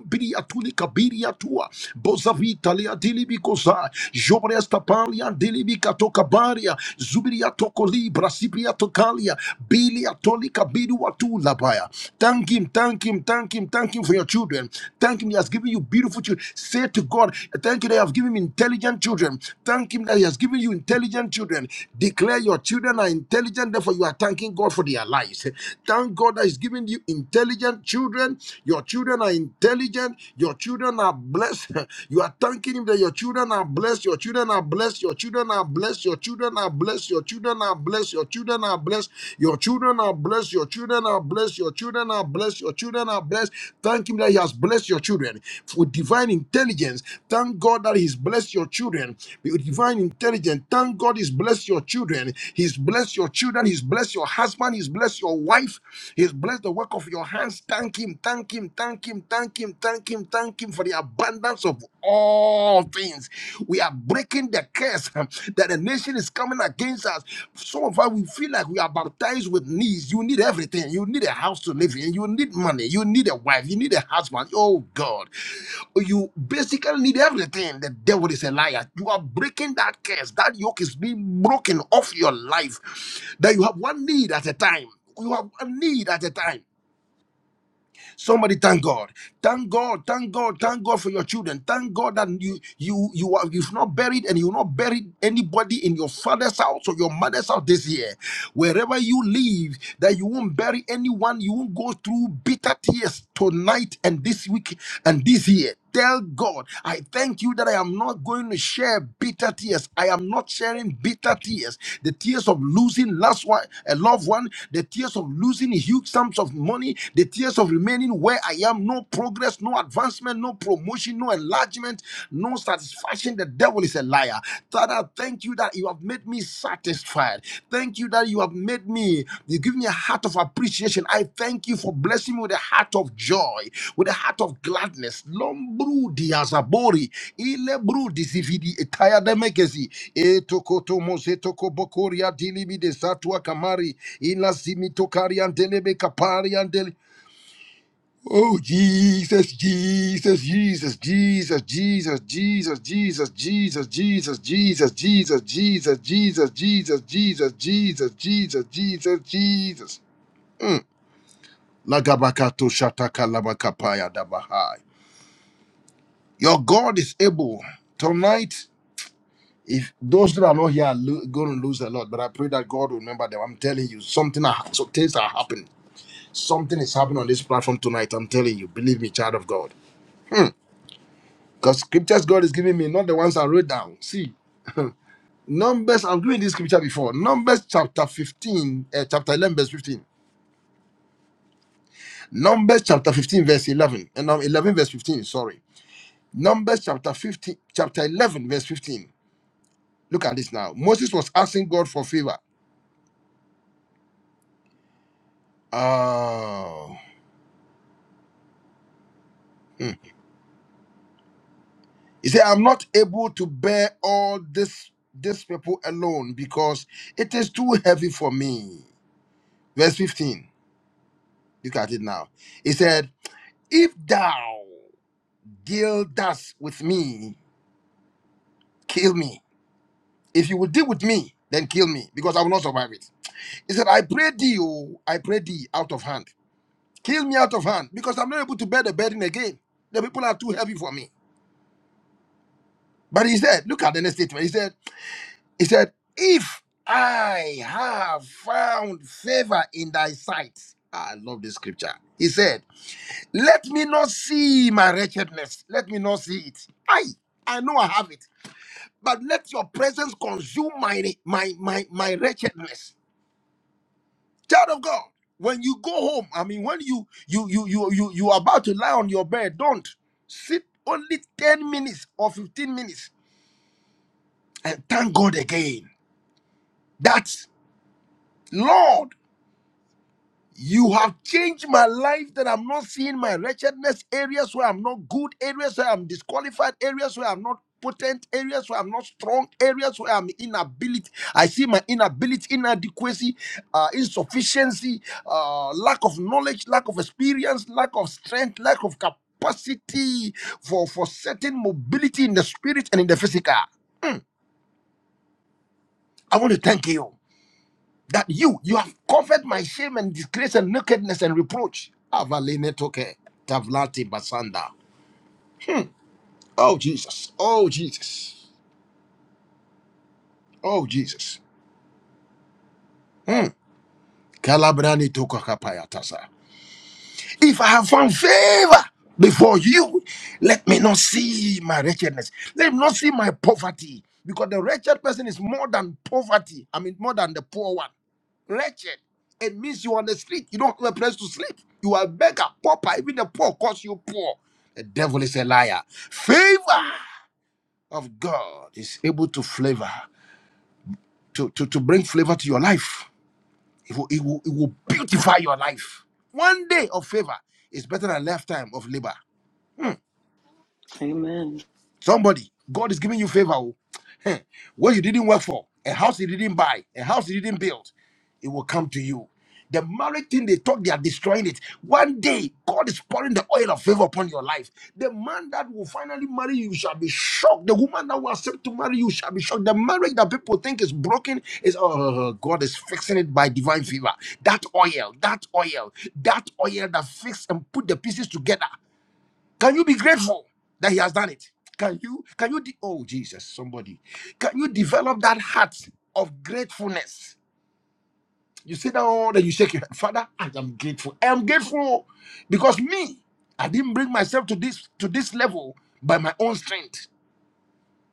kabiria tua bozavita lia dilibi koza jobresta palia dilibi katoka baria zubiria toko libra sipia tokalia bilia tolika bidu watu labaya thank him thank him thank him thank him for your children thank him he has given you beautiful children say to God thank you that you have given him intelligent children thank him that he has given you intelligent children declare your children are intelligent therefore you are thanking God for their lives thank God that he's given you intelligent children your children are intelligent intelligent. Your children are blessed. You are thanking him that your children are blessed. Your children are blessed. Your children are blessed. Your children are blessed. Your children are blessed. Your children are blessed. Your children are blessed. Your children are blessed. Your children are blessed. Your children are blessed. Thank him that he has blessed your children with divine intelligence. Thank God that he's blessed your children with divine intelligence. Thank God he's blessed your children. He's blessed your children. He's blessed your husband. He's blessed your wife. He's blessed the work of your hands. Thank him Thank Him, thank Him, thank Him, thank Him, thank Him, thank Him for the abundance of all things. We are breaking the curse that the nation is coming against us. Some of us, we feel like we are baptized with knees. You need everything. You need a house to live in. You need money. You need a wife. You need a husband. Oh, God. You basically need everything. The devil is a liar. You are breaking that curse. That yoke is being broken off your life. That you have one need at a time. You have a need at a time. Somebody thank God. Thank God. Thank God. Thank God for your children. Thank God that you you you are you've not buried and you have not buried anybody in your father's house or your mother's house this year. Wherever you live, that you won't bury anyone, you won't go through bitter tears tonight and this week and this year. Tell God, I thank you that I am not going to share bitter tears. I am not sharing bitter tears. The tears of losing last one, a loved one, the tears of losing huge sums of money, the tears years of remaining where I am, no progress, no advancement, no promotion, no enlargement, no satisfaction. The devil is a liar. Father, thank you that you have made me satisfied. Thank you that you have made me, you give me a heart of appreciation. I thank you for blessing me with a heart of joy, with a heart of gladness. Lombru diazabori, ilebru disividi etayademekezi, etokotomozetokobokori adilibi de satua kamari, ilazimitokaria ndelebe kapari Oh, Jesus, Jesus, Jesus, Jesus, Jesus, Jesus, Jesus, Jesus, Jesus, Jesus, Jesus, Jesus, Jesus, Jesus, Jesus, Jesus, Jesus, Jesus, Jesus. Lagabakato shataka labakapaya dabahai. Your God is able. Tonight, if those that are not here are lo- going to lose a lot, but I pray that God will remember them. I'm telling you, something, are, so things are happening. Something is happening on this platform tonight. I'm telling you, believe me, child of God. Hmm. Because scriptures God is giving me, not the ones I wrote down. See, Numbers, I've given this scripture before. Numbers chapter 15, uh, chapter 11, verse 15. Numbers chapter 15, verse 11. And um, 11, verse 15, sorry. Numbers chapter 15, chapter 11, verse 15. Look at this now. Moses was asking God for favor. Oh. hmm. He said, I'm not able to bear all this, this people alone because it is too heavy for me. Verse 15. Look at it now. He said, If thou Deal thus with me, kill me. If you will deal with me, then kill me, because I will not survive it. He said, I pray thee, O, I pray thee out of hand. Kill me out of hand, because I'm not able to bear the burden again. The people are too heavy for me. But he said, look at the next statement. He said, he said, if I have found favor in thy sight. I love this scripture. He said, let me not see my wretchedness. Let me not see it. I, I know I have it. but let your presence consume my my my my wretchedness. Child of God, when you go home, I mean, when you you you you you you are about to lie on your bed, don't sit only ten minutes or fifteen minutes and thank God again. That's Lord. You have changed my life that I'm not seeing my wretchedness, areas where I'm not good, areas where I'm disqualified, areas where I'm not potent, areas where I'm not strong, areas where I'm inability. I see my inability, inadequacy, uh, insufficiency, uh, lack of knowledge, lack of experience, lack of strength, lack of capacity for, for certain mobility in the spirit and in the physical. I want to thank you. that you you have covered my shame and disgrace and nakedness and reproach. Avalene toke tavlati basanda. Oh Jesus. Oh Jesus. Oh Jesus. Hmm. Kalabrani toka kapaya tasa. If I have found favor before you, let me not see my wretchedness. Let me not see my poverty. Because the wretched person is more than poverty. I mean, more than the poor one. Wretched. It means you're on the street. You don't have a place to sleep. You are a beggar, pauper. Even the poor calls you poor. The devil is a liar. Favor of God is able to flavor, to, to, to bring flavor to your life. It will, it, will, it will beautify your life. One day of favor is better than a lifetime of labor.
Amen.
Somebody, God is giving you favor. oh. Heh. What you didn't work for, a house you didn't buy, a house you didn't build, it will come to you. The marriage thing they talk, they are destroying it. One day, God is pouring the oil of favor upon your life. The man that will finally marry you shall be shocked. The woman that will accept to marry you shall be shocked. The marriage that people think is broken is, oh, God is fixing it by divine favor. That oil, that oil, that oil that fix and put the pieces together can you be grateful that he has done it? Can you can you de- oh Jesus somebody can you develop that heart of gratefulness? You sit down and you shake your head, Father. I am grateful. I am grateful because me, I didn't bring myself to this to this level by my own strength.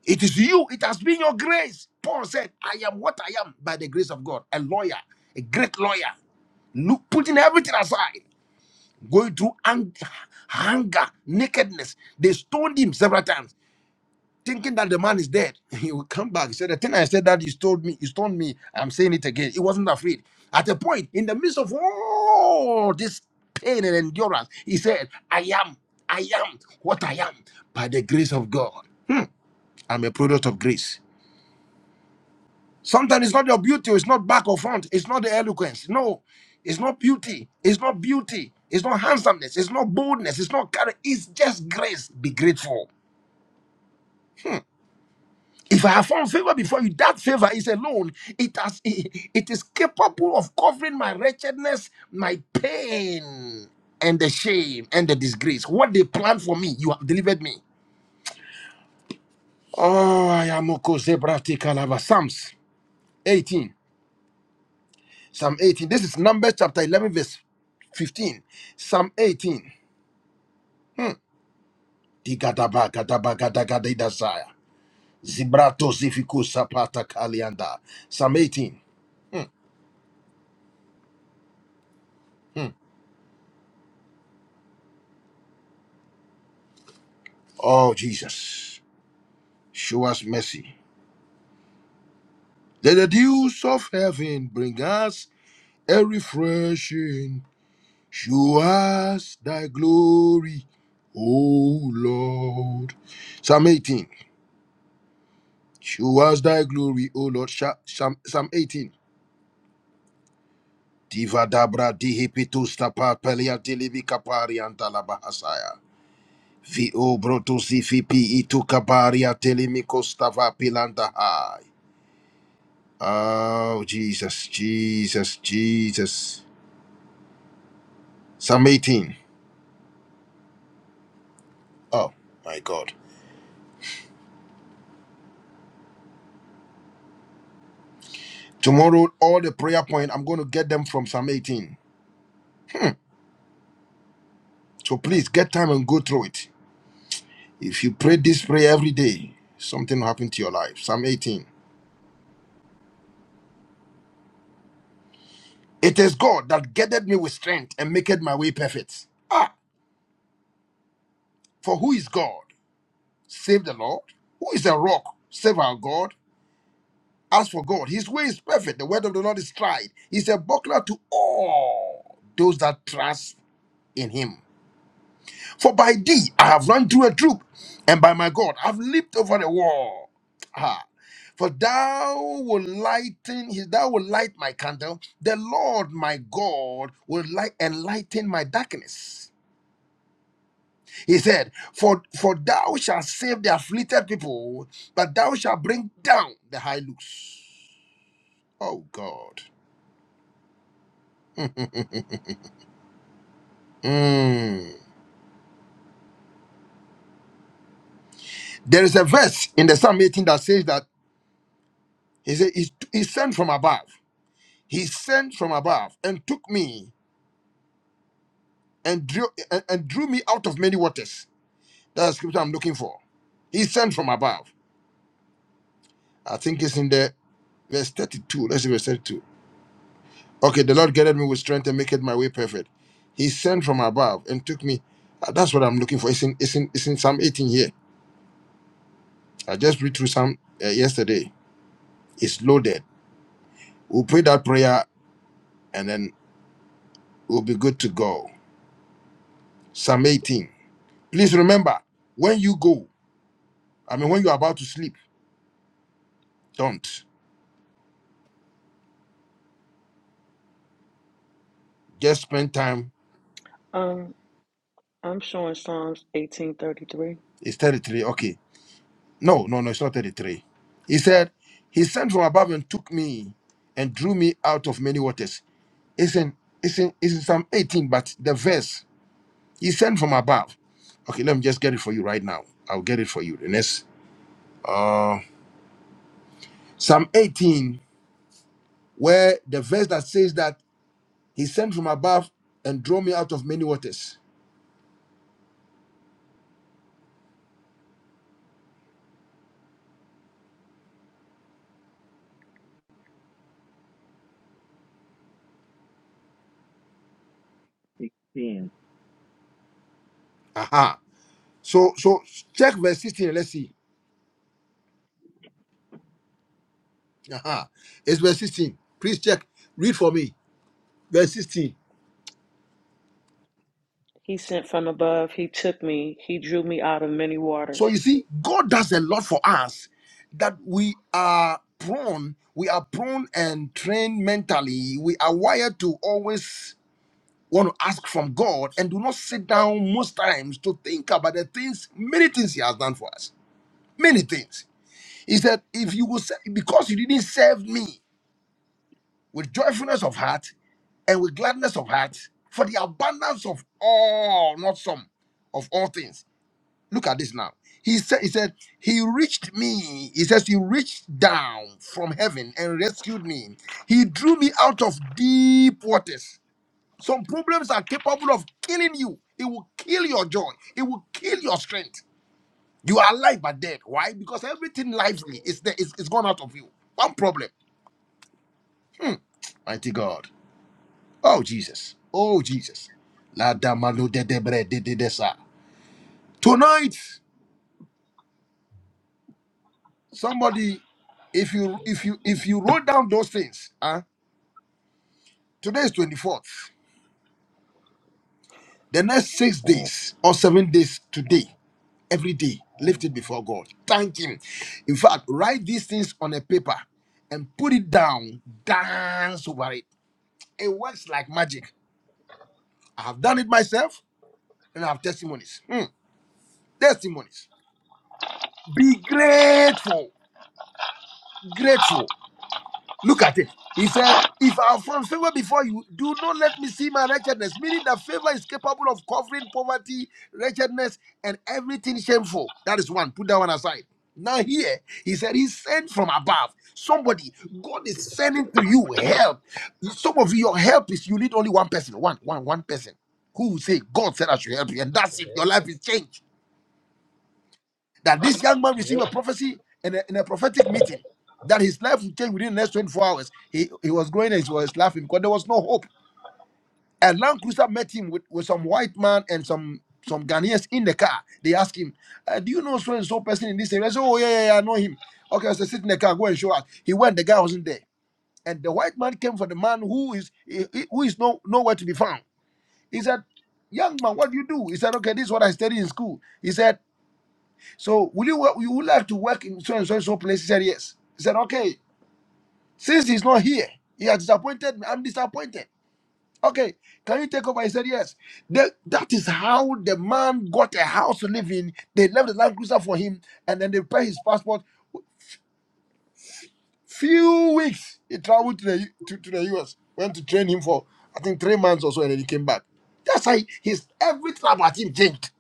It is you. It has been your grace. Paul said, "I am what I am by the grace of God." A lawyer, a great lawyer, look, putting everything aside, going through ang- hunger, nakedness. They stoned him several times thinking that the man is dead. He will come back. He said, The thing I said that you told me, you told me. I'm saying it again. He wasn't afraid. At a point, in the midst of all this pain and endurance, he said, I am, I am what I am by the grace of God. Hmm, I'm a product of grace. Sometimes it's not your beauty, it's not back or front, it's not the eloquence. No, it's not beauty, it's not beauty, it's not handsomeness, it's not boldness, it's not courage, it's just grace. Be grateful. If I have found favor before you, that favor is alone. It has it it is capable of covering my wretchedness, my pain, and the shame and the disgrace. What they planned for me, you have delivered me. Oh, I am Okozebrati Kalava. Psalms 18. Psalm 18. This is Numbers chapter 11, verse 15. Psalm 18. Hmm. Digadaba, gadaba, gadagada, idazaya. Zibrato zifiku sapata kalianda. Psalm 18. Hmm. hmm. Oh, Jesus. Show us mercy. Let the dews of heaven bring us a refreshing. Show us thy glory, O Lord. Psalm 18. Show us thy glory, O Lord. Sha- Psalm, Psalm 18. Diva dabra dihipitus tapa pelia dilivi kapari antala bahasaya. Vi o brotus ifipi itu kabaria telemikos tava pilanda hai. Oh, Jesus, Jesus, Jesus. Psalm 18. Oh my God. Tomorrow, all the prayer point, I'm going to get them from Psalm 18. So please get time and go through it. If you pray this prayer every day, something will happen to your life. Psalm 18. It is God that gathered me with strength and maketh my way perfect. Ah, for who is God? Save the Lord. Who is a rock? Save our God. As for God, his way is perfect. The word of the Lord is tried. He's a buckler to all those that trust in him. For by thee I have run through a troop, and by my God I have leaped over the wall. Ah. For thou will lighten his thou will light my candle. The Lord my God will light enlighten my darkness. He said, For for thou shalt save the afflicted people, but thou shalt bring down the high looks. Oh God. Mm. There is a verse in the Psalm 18 that says that he said, He He's sent from above. He sent from above and took me and drew and, and drew me out of many waters. That's the scripture I'm looking for. He sent from above. I think it's in the verse 32. Let's see verse 32. Okay, the Lord guided me with strength and made my way perfect. He sent from above and took me. Uh, That's what I'm looking for. It's in it's in it's in Psalm 18 here. I just read through Psalm uh, yesterday. It's loaded. We'll pray that prayer and then we'll be good to go. Psalm 18. Please remember, when you go, I mean when you're about to sleep, don't. just spend time.
Um, I'm showing Psalms 18:33.
It's 33. Okay. No, no, no, it's not 33. He said, He sent from above and took me and drew me out of many waters. It's in, it's in, it's in Psalm 18, but the verse, He sent from above. Okay, let me just get it for you right now. I'll get it for you. The next, uh, Psalm 18, where the verse that says that He sent from above and drew me out of many waters.
sixteen
Aha. So, so check verse 16 and let's see. Aha. It's verse 16. Please check. Read for me. verse 16.
He sent from above. He took me. He drew me out of many
So
waters.
you see, God does a lot for us that we are prone, we are prone and trained mentally. We are wired to always want to ask from God and do not sit down most times to think about the things, many things He has done for us. Many things. He said, if you will say, because you didn't serve me with joyfulness of heart and with gladness of heart, for the abundance of all, not some, of all things Look at this now. He said, He said, He reached me. He says, He reached down from heaven and rescued me. He drew me out of deep waters. Some problems are capable of killing you. It will kill your joy. It will kill your strength. You are alive but dead. Why? Because everything lively is there, is, is gone out of you. One problem. Hmm. Mighty God. Oh Jesus. Oh Jesus. La damalo de debre de de desa. Tonight. Somebody, if you if you if you wrote down those things, huh? Today is 24th. The next six days or seven days today, every day, lift it before God. Thank Him. In fact, write these things on a paper and put it down, dance over it. It works like magic. I have done it myself and I have testimonies. Hmm. Testimonies. Be grateful. Grateful. Look at it. He said, If I have found favor before you, do not let me see my wretchedness, meaning that favor is capable of covering poverty, wretchedness, and everything shameful. That is one. Put that one aside. Now, here, he said, He sent from above. Somebody, God is sending to you help. Some of you, your help is you need only one person, one, one, one person who will say, God said I should help you, and that's it. Your life is changed that this young man received a prophecy in a, in a prophetic meeting that his life would change within the next 24 hours. He he was going and he was laughing because there was no hope. A Land Cruiser met him with, with some white man and some some Ghanaians in the car. They asked him, uh, "Do you know so and so person in this area?" I said, "Oh yeah, yeah, yeah, I know him." Okay, I said, "Sit in the car, go and show us." He went. The guy wasn't there, and the white man came for the man who is who is no nowhere to be found. He said, "Young man, what do you do?" He said, "Okay, this is what I studied in school." He said. So will you wo- you would like to work in so and so and so place? He said yes. He said okay. Since he's not here, he has disappointed me. I'm disappointed. Okay, can you take over? He said yes. The- that is how the man got a house to live in. They left the Land Cruiser for him, and then they pay his passport. Few weeks he traveled to the to, to the US. Went to train him for I think three months or so, and then he came back. That's how he- his everything about him changed.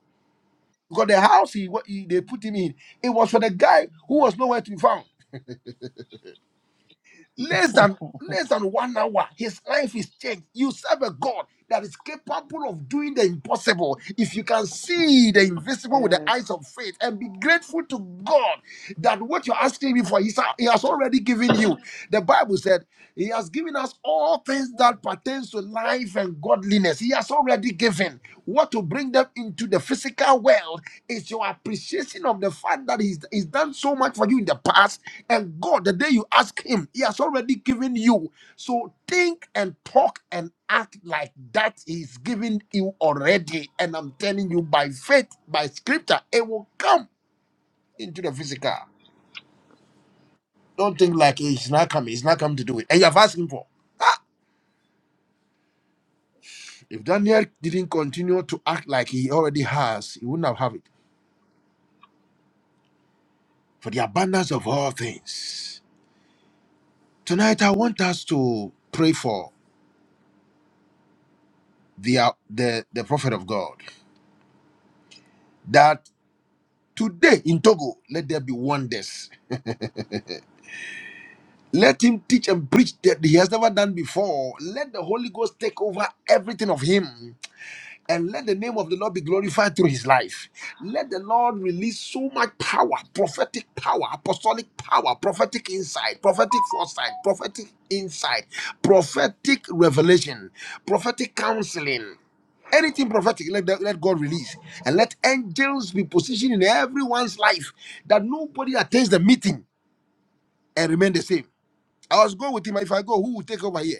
Because the house he, wa- he they put him in, it was for the guy who was nowhere to be found. less than less than one hour his life is changed you serve a god that is capable of doing the impossible if you can see the invisible with the
Yes.
eyes of faith and be grateful to god that what you're asking me for he's- he has already given you the bible said he has given us all things that pertains to life and godliness He has has already given. What to bring them into the physical world is your appreciation of the fact that he's, he's done so much for you in the past. And God, the day you ask him, he has already given you. So think and talk and act like that is given you already. And I'm telling you, by faith, by scripture, it will come into the physical. Don't think like "Eh, he's not coming, he's not coming to do it. And you have asked him for. If Daniel didn't continue to act like he already has, he wouldn't have have it. for the abundance of all things. Tonight, I want us to pray for the, uh, the, the prophet of God that today in Togo, let there be wonders. Let him teach and preach that he has never done before. Let the Holy Ghost take over everything of him. and let the name of the Lord be glorified through his life. Let the Lord release so much power, prophetic power, apostolic power, prophetic insight, prophetic foresight, prophetic insight, prophetic revelation, prophetic counseling. Anything prophetic, let, the- let God release. And let angels be positioned in everyone's life that nobody attends the meeting and remain the same. I was going with him. If I go, who will take over here?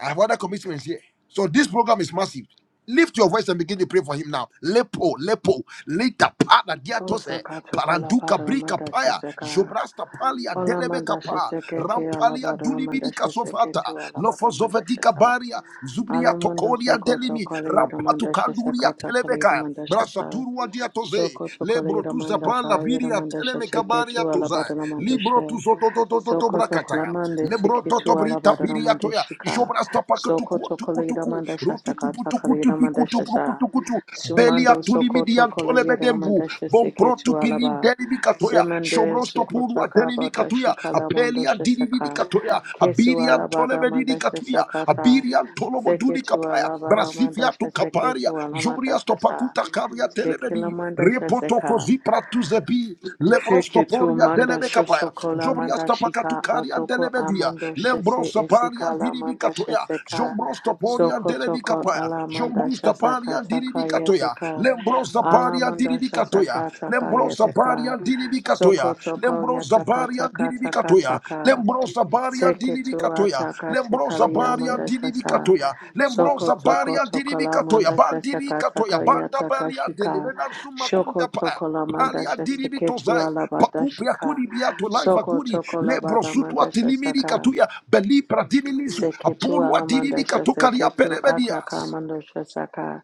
I have other commitments here. So this program is massive. Lift your voice and begin to pray for him now. Lepo, lepo, lita pada
Oh,
diatose, paranduka brika paya,
sakatokolabadaramadashasaka.
jobrasta palia delebe kapa,
Olamandashasekete
rampalia dulibidi kasofata,
alabadaramadashaseketu
lofozovetika
alabadaramadashasa.
baria, zubria
Alamundo
tokoria
soko
delimi,
chokola
rampatu
yudamanda shasa
kanduria
kata kala
telebeka.
yudamanda shasa.
Brasaturwa diatoze,
Soko chokola
lebro tu
yudamanda
zapa la
sa
biria
yudamanda
teleme
shasa ke
kabaria
tu
tuza,
alabada namanda
libro tu
she.
soto to to to to
Soko chokola
brakataya,
mande
lebro
siki
to to
tu
brita
alabada
piria
namanda
toya,
shika.
jobra stopa
Soko
kutuku
chokola
tuku tuku,
yudamanda shasa
rotuku
kata kala
putuku tupiku
yudamanda
tupruku
shasa.
tuku belia
Sumando soko
tulimidian
chokola
tolebedembu,
yudamanda
bon
shasa ke
pro
tu
tu pilin
alaba.
telimikatoya,
Semande
shobro
suko
stopuru
chaka bada
atelimikatuya,
shika lamando
apelia
shasa ka.
dilimikatoya,
Kesu
abiria
alabada
lebedini
namanda shasa
katuya
kata.
abirian tolomo duni
Seketua
kapaya brasifia to
Labaramandasha
kaparia
Seketua
jubria
Lamandasha Sa
stopakuta kabria telebedini
Sekilamandasha
repoto
Seka
kozi to zebi
Seketu
lebrostoporia
Manda
delebe kapaya
Shosokola
jubria stopakatu
Mandashika
karia
Atoko
delebedia
Amando Shese
lembrosa paria
Esikala
diribi
Mandasha
katoya
Seka
jombrosto poria delebi
Sokotoko
kapaya
Alamandasha
jombrusta paria diribi
Sakataka
katoya
Yeteka
lembrosa paria diribi
Alamandasha
katoya
Sakataka
Lembrosaparia baria.
Yeteka
Dilibikatoya,
Sokotoko
Lembro
Yataka
Zabaria
Taka Taka
Dilibikatoya,
Taka
Lembro Zabaria
Seketua
Dilibikatoya,
takate
Lembro
kalia
Zabaria
mandashasa.
Dilibikatoya, Lembro
Soko toko
Zabaria
toko la
Dilibikatoya,
mandashasa
Bandiri
kata
Katoya,
kalia
Banda Balia
takashika.
Delimena suma kunda
Shoko
Pa.
toko la
Palia
mandashasa
diribi tozai,
ketua la
pakupi
badashika.
kuri biato laiva
Soko
guri,
toko la
lebro
bada
sutua
mandashasa
tilimiri
ka.
katuya, beli pradini nisu,
Seketu
apolwa diribi
alamanda
katukaria
shaseketu ataka
pelebedias.
mando shasaka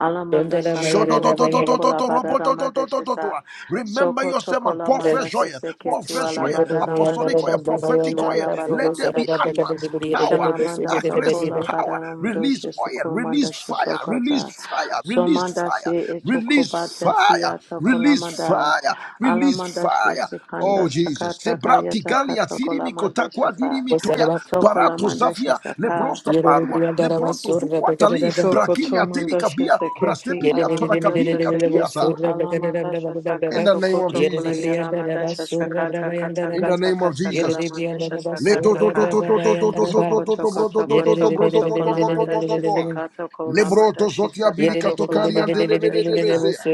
alamanda
ba
saka toko
re
toko la badada manda shasa
Remember
soko
your
toko
and
la
pour
manda
fresh
briandara
oil, pour
shaseketu
Yere
fresh
ala
oil,
badada manda
apostolic oil, prophetic
shaseketu
oil.
ala badada
Let there
manda
be
shi
utterance, power,
shalamanda soko
accuracy,
la
power.
badada mando
Release oil,
shaseko
release
manda
fire, release
shasokata
fire, release
somanda
fire,
se etoko
release
bata si
fire,
atoko la
release
manda
fire, release
alamanda
fire. Oh
shasekanda
Jesus,
sakata
Zebrati
kayata
Galia,
kata
Sirimi
kolamanda
Kotakwa,
shasa
Dirimi Toya, Barato
Sokolamandasha
Zafia,
Saka,
Lebrosta Barua, Lebronto Zukwatali, Brakinia
Sokotomandasha
Telikabia,
Seketi,
Brastepiria Torakabiri
Alamandasha
Katuyaza.
Seketu, Alamandasha
In the
Sakato
name of
Koto
Jesus.
Kolayaramadasha Sakata Kata
In the
Kata
name of
Kata
Jesus.
kala Kalamandasha
Le do do do
Sakataka,
do do do do do do do do
Sokoto
do bro do
Koto
do do do
Koto
bro do
Koto
do do do do do do
Kolamandasha
do.
Sekato
Le bro to
Kolamandashi
zotia birika
Sakato
to karian delebe de
Kolabaramadasha Sa,
debezea.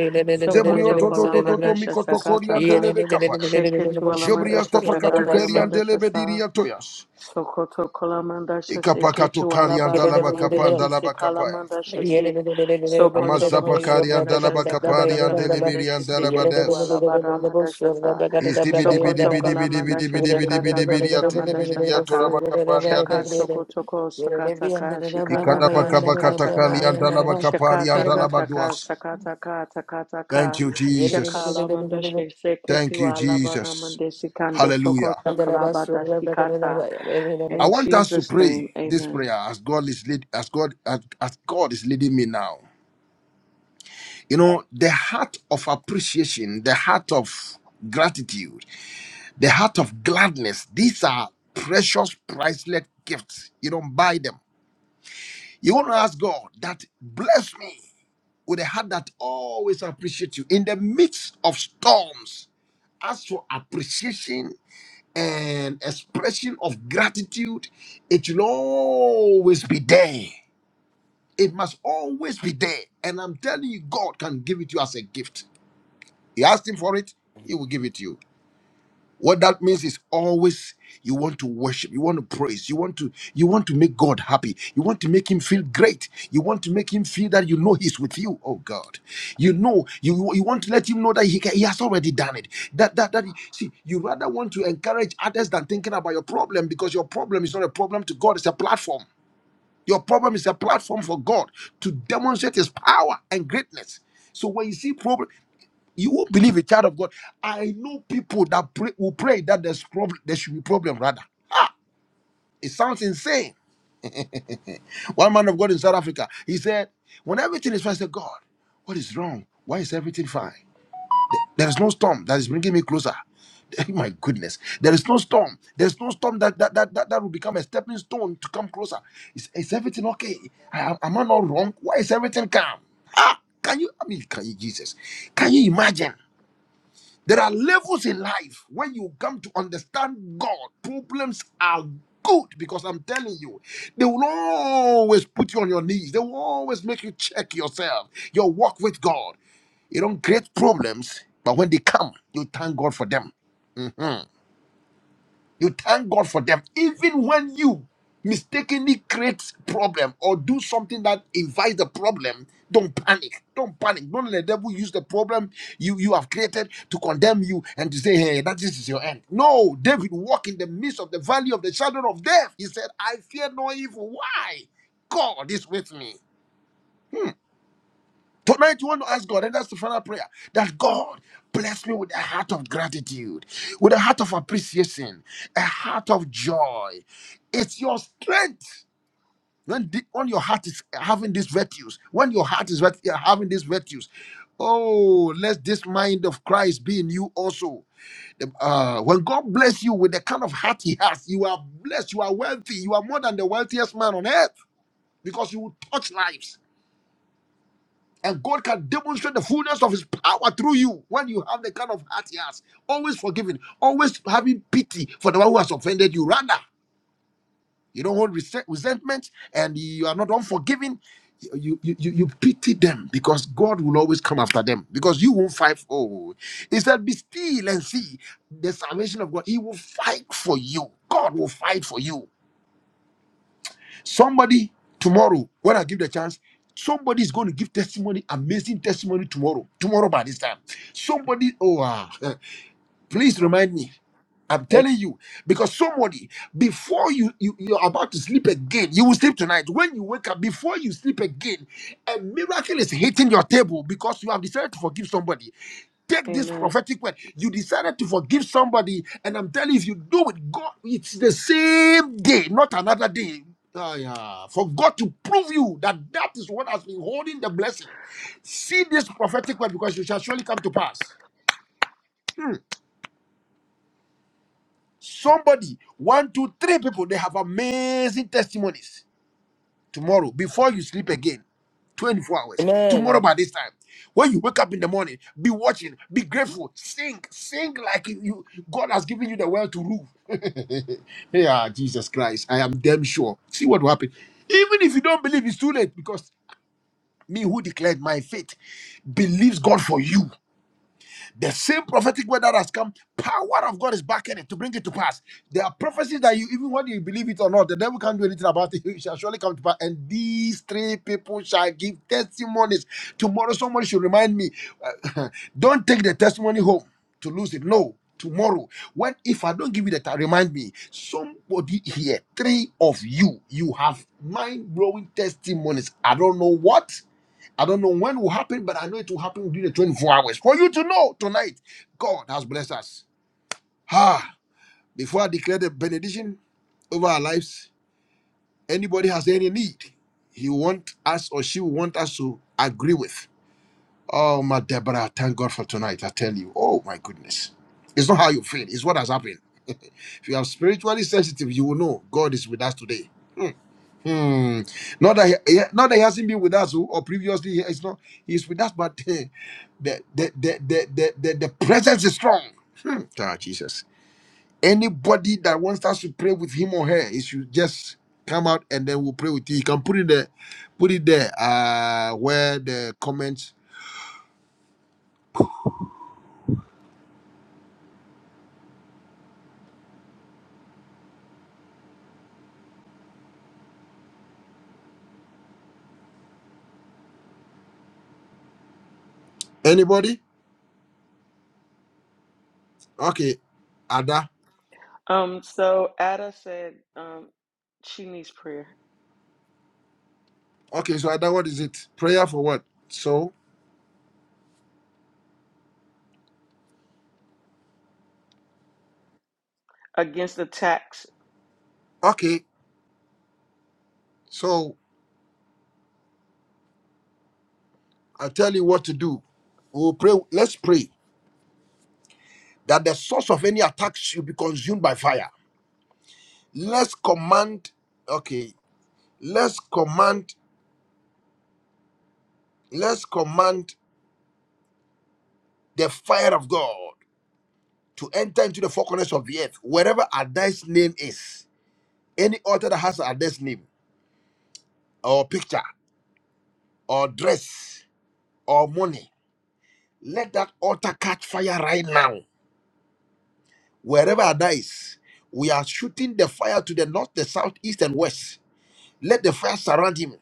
Zebrio
Sokoto
to do do do do
Kolamandasha
miko to korian
Sakataka,
delebe kapaya.
Sheketu
Jobrias
Alamandasha
to pakatu
Sakala
karian delebe
Yamandasha
diria toyas.
Sokoto Kalamanda Shase
Ikapakato
Ketu
karian
Amen.
Alabadana
dalaba kapan
Mandeshi Se
dalaba kapaya.
Kalamanda Shase Sokoto
Amazapa
Kolira
karian
Mandasha
dalaba
Sakata
kaparian delebirian
Kalamandeshi Se
dalaba
Ketu
des.
Alabada Mandasha Sa
Thank you, Jesus.
Sokoto Kalamandasha Sakata Kalira Mandasha Saka Shaka Sokoto Ko Sakata Ka Shikata Ka Shikata Ka Shakata
Amen.
Kata Ka Takata Ka Takata Ka Shakala Mandasha Se
Thank
Ketu
you,
Alabada
Jesus.
Mandesi Kando
Hallelujah.
Sokoto Kalabada Shikata
I
in
want us to
Jesus'
pray
name,
this
amen.
prayer as God is lead, as God as, as God is leading me now. You know, the heart of appreciation, the heart of gratitude, the heart of gladness, these are precious, priceless gifts. You don't buy them You want to ask God that bless me with a heart that always appreciates you in the midst of storms. As for appreciation and expression of gratitude, it will always be there. It must always be there. And I'm telling you, God can give it to you as a gift. You asked Him for it, He will give it to you. What that means is always you want to worship, you want to praise, you want to you want to make God happy, you want to make him feel great, you want to make him feel that you know he's with you. Oh God. You know, you you want to let him know that he can, he has already done it. That that that see, you rather want to encourage others than thinking about your problem because your problem is not a problem to God, it's a platform. Your problem is a platform for God to demonstrate his power and greatness. So when you see problem. You won't believe a child of God. I know people that pray, will pray that there's problem, there should be problem rather. It sounds insane. One man of God in South Africa, he said, when everything is fine, I said, God, what is wrong? Why is everything fine? There is no storm that is bringing me closer. My goodness, there is no storm. There's no storm that that, that, that that will become a stepping stone to come closer. Is, is everything okay? I- am I not wrong? Why is everything calm? Ah, can you? I mean, can you, Jesus? Can you imagine? There are levels in life when you come to understand God. Problems are good because I'm telling you, they will always put you on your knees. They will always make you check yourself, your walk with God. You don't create problems, but when they come, you thank God for them. Mhm. You thank God for them, even when you mistakenly create problem or do something that invites the problem. Don't panic. Don't panic. Don't let the devil use the problem you you have created to condemn you and to say, "Hey, that this is your end." No, David walked in the midst of the valley of the shadow of death. He said, "I fear no evil." Why? God is with me. Tonight, you want to ask God, and that's the final prayer, that God bless me with a heart of gratitude, with a heart of appreciation, a heart of joy. It's your strength. When, the, when your heart is having these virtues, when your heart is virt- having these virtues, oh, let this mind of Christ be in you also. The- uh, when God bless you with the kind of heart He has, you are blessed, you are wealthy, you are more than the wealthiest man on earth because you will touch lives. And God can demonstrate the fullness of His power through you when you have the kind of heart He has. Always forgiving, always having pity for the one who has offended you. Rather, you don't hold resent- resentment and you are not unforgiving. You, you you you pity them because God will always come after them because you won't fight. Oh, he said, "Be still and see the salvation of God. He will fight for you. God will fight for you." Somebody tomorrow, when I give the chance, somebody is going to give testimony, amazing testimony tomorrow. Tomorrow by this time, somebody. Oh, ah. Please remind me. I'm telling you, because somebody before you, you you're about to sleep again, you will sleep tonight. When you wake up, before you sleep again, a miracle is hitting your table because you have decided to forgive somebody. Take this
Amen.
prophetic word. You decided to forgive somebody, and I'm telling you, if you do it, God, it's the same day, not another day. Ah, yeah. For God to prove you that that is what has been holding the blessing. See this prophetic word because you shall surely come to pass. Hmm. Somebody, one, two, three people, they have amazing testimonies. Tomorrow, before you sleep again, 24 hours. Tomorrow by this time, when you wake up in the morning, be watching, be grateful, sing, sing like you, you- God has given you the world to rule. yeah, Jesus Christ, I am damn sure. See what will happen. Even if you don't believe, it's too late because me who declared my faith believes God for you. The same prophetic word that has come, power of God is backing it to bring it to pass. There are prophecies that you, even whether you believe it or not, the devil can't do anything about it. It shall surely come to pass. And these three people shall give testimonies. Tomorrow, somebody should remind me, uh, don't take the testimony home to lose it. No. Tomorrow, when if I don't give you that, remind me. Somebody here, three of you, you have mind blowing testimonies. I don't know what. I don't know when will happen, but I know it will happen within the 24 hours. For you to know tonight, God has blessed us. Ah, before I declare the benediction over our lives, anybody has any need, he want us or she will want us to agree with. Oh, my Deborah, thank God for tonight. I tell you, oh my goodness. It's not how you feel, it's what has happened. if you are spiritually sensitive, you will know God is with us today. Hmm. Not that he, he- not that he hasn't been with us or, or previously he- he's not he's with us, but eh, the the the the the, the, the presence is strong. Hmm. Ah, Jesus. Anybody that wants us to pray with him or her, it should just come out and then we'll pray with you. You can put it there, put it there, uh where the comments. Anybody? Okay. Ada.
Um, so Ada said um she needs prayer
Okay, so Ada, what is it? Prayer for what? So
against attacks.
okay, so I'll tell you what to do. We'll pray. Let's pray that the source of any attack should be consumed by fire. Let's command, okay, let's command, let's command the fire of God to enter into the four corners of the earth, wherever Adai's name is. Any altar that has Adai's name, or picture, or dress, or money, let that altar catch fire right now. Wherever Adai is, we are shooting the fire to the north, the south, east, and west. Let the fire surround him.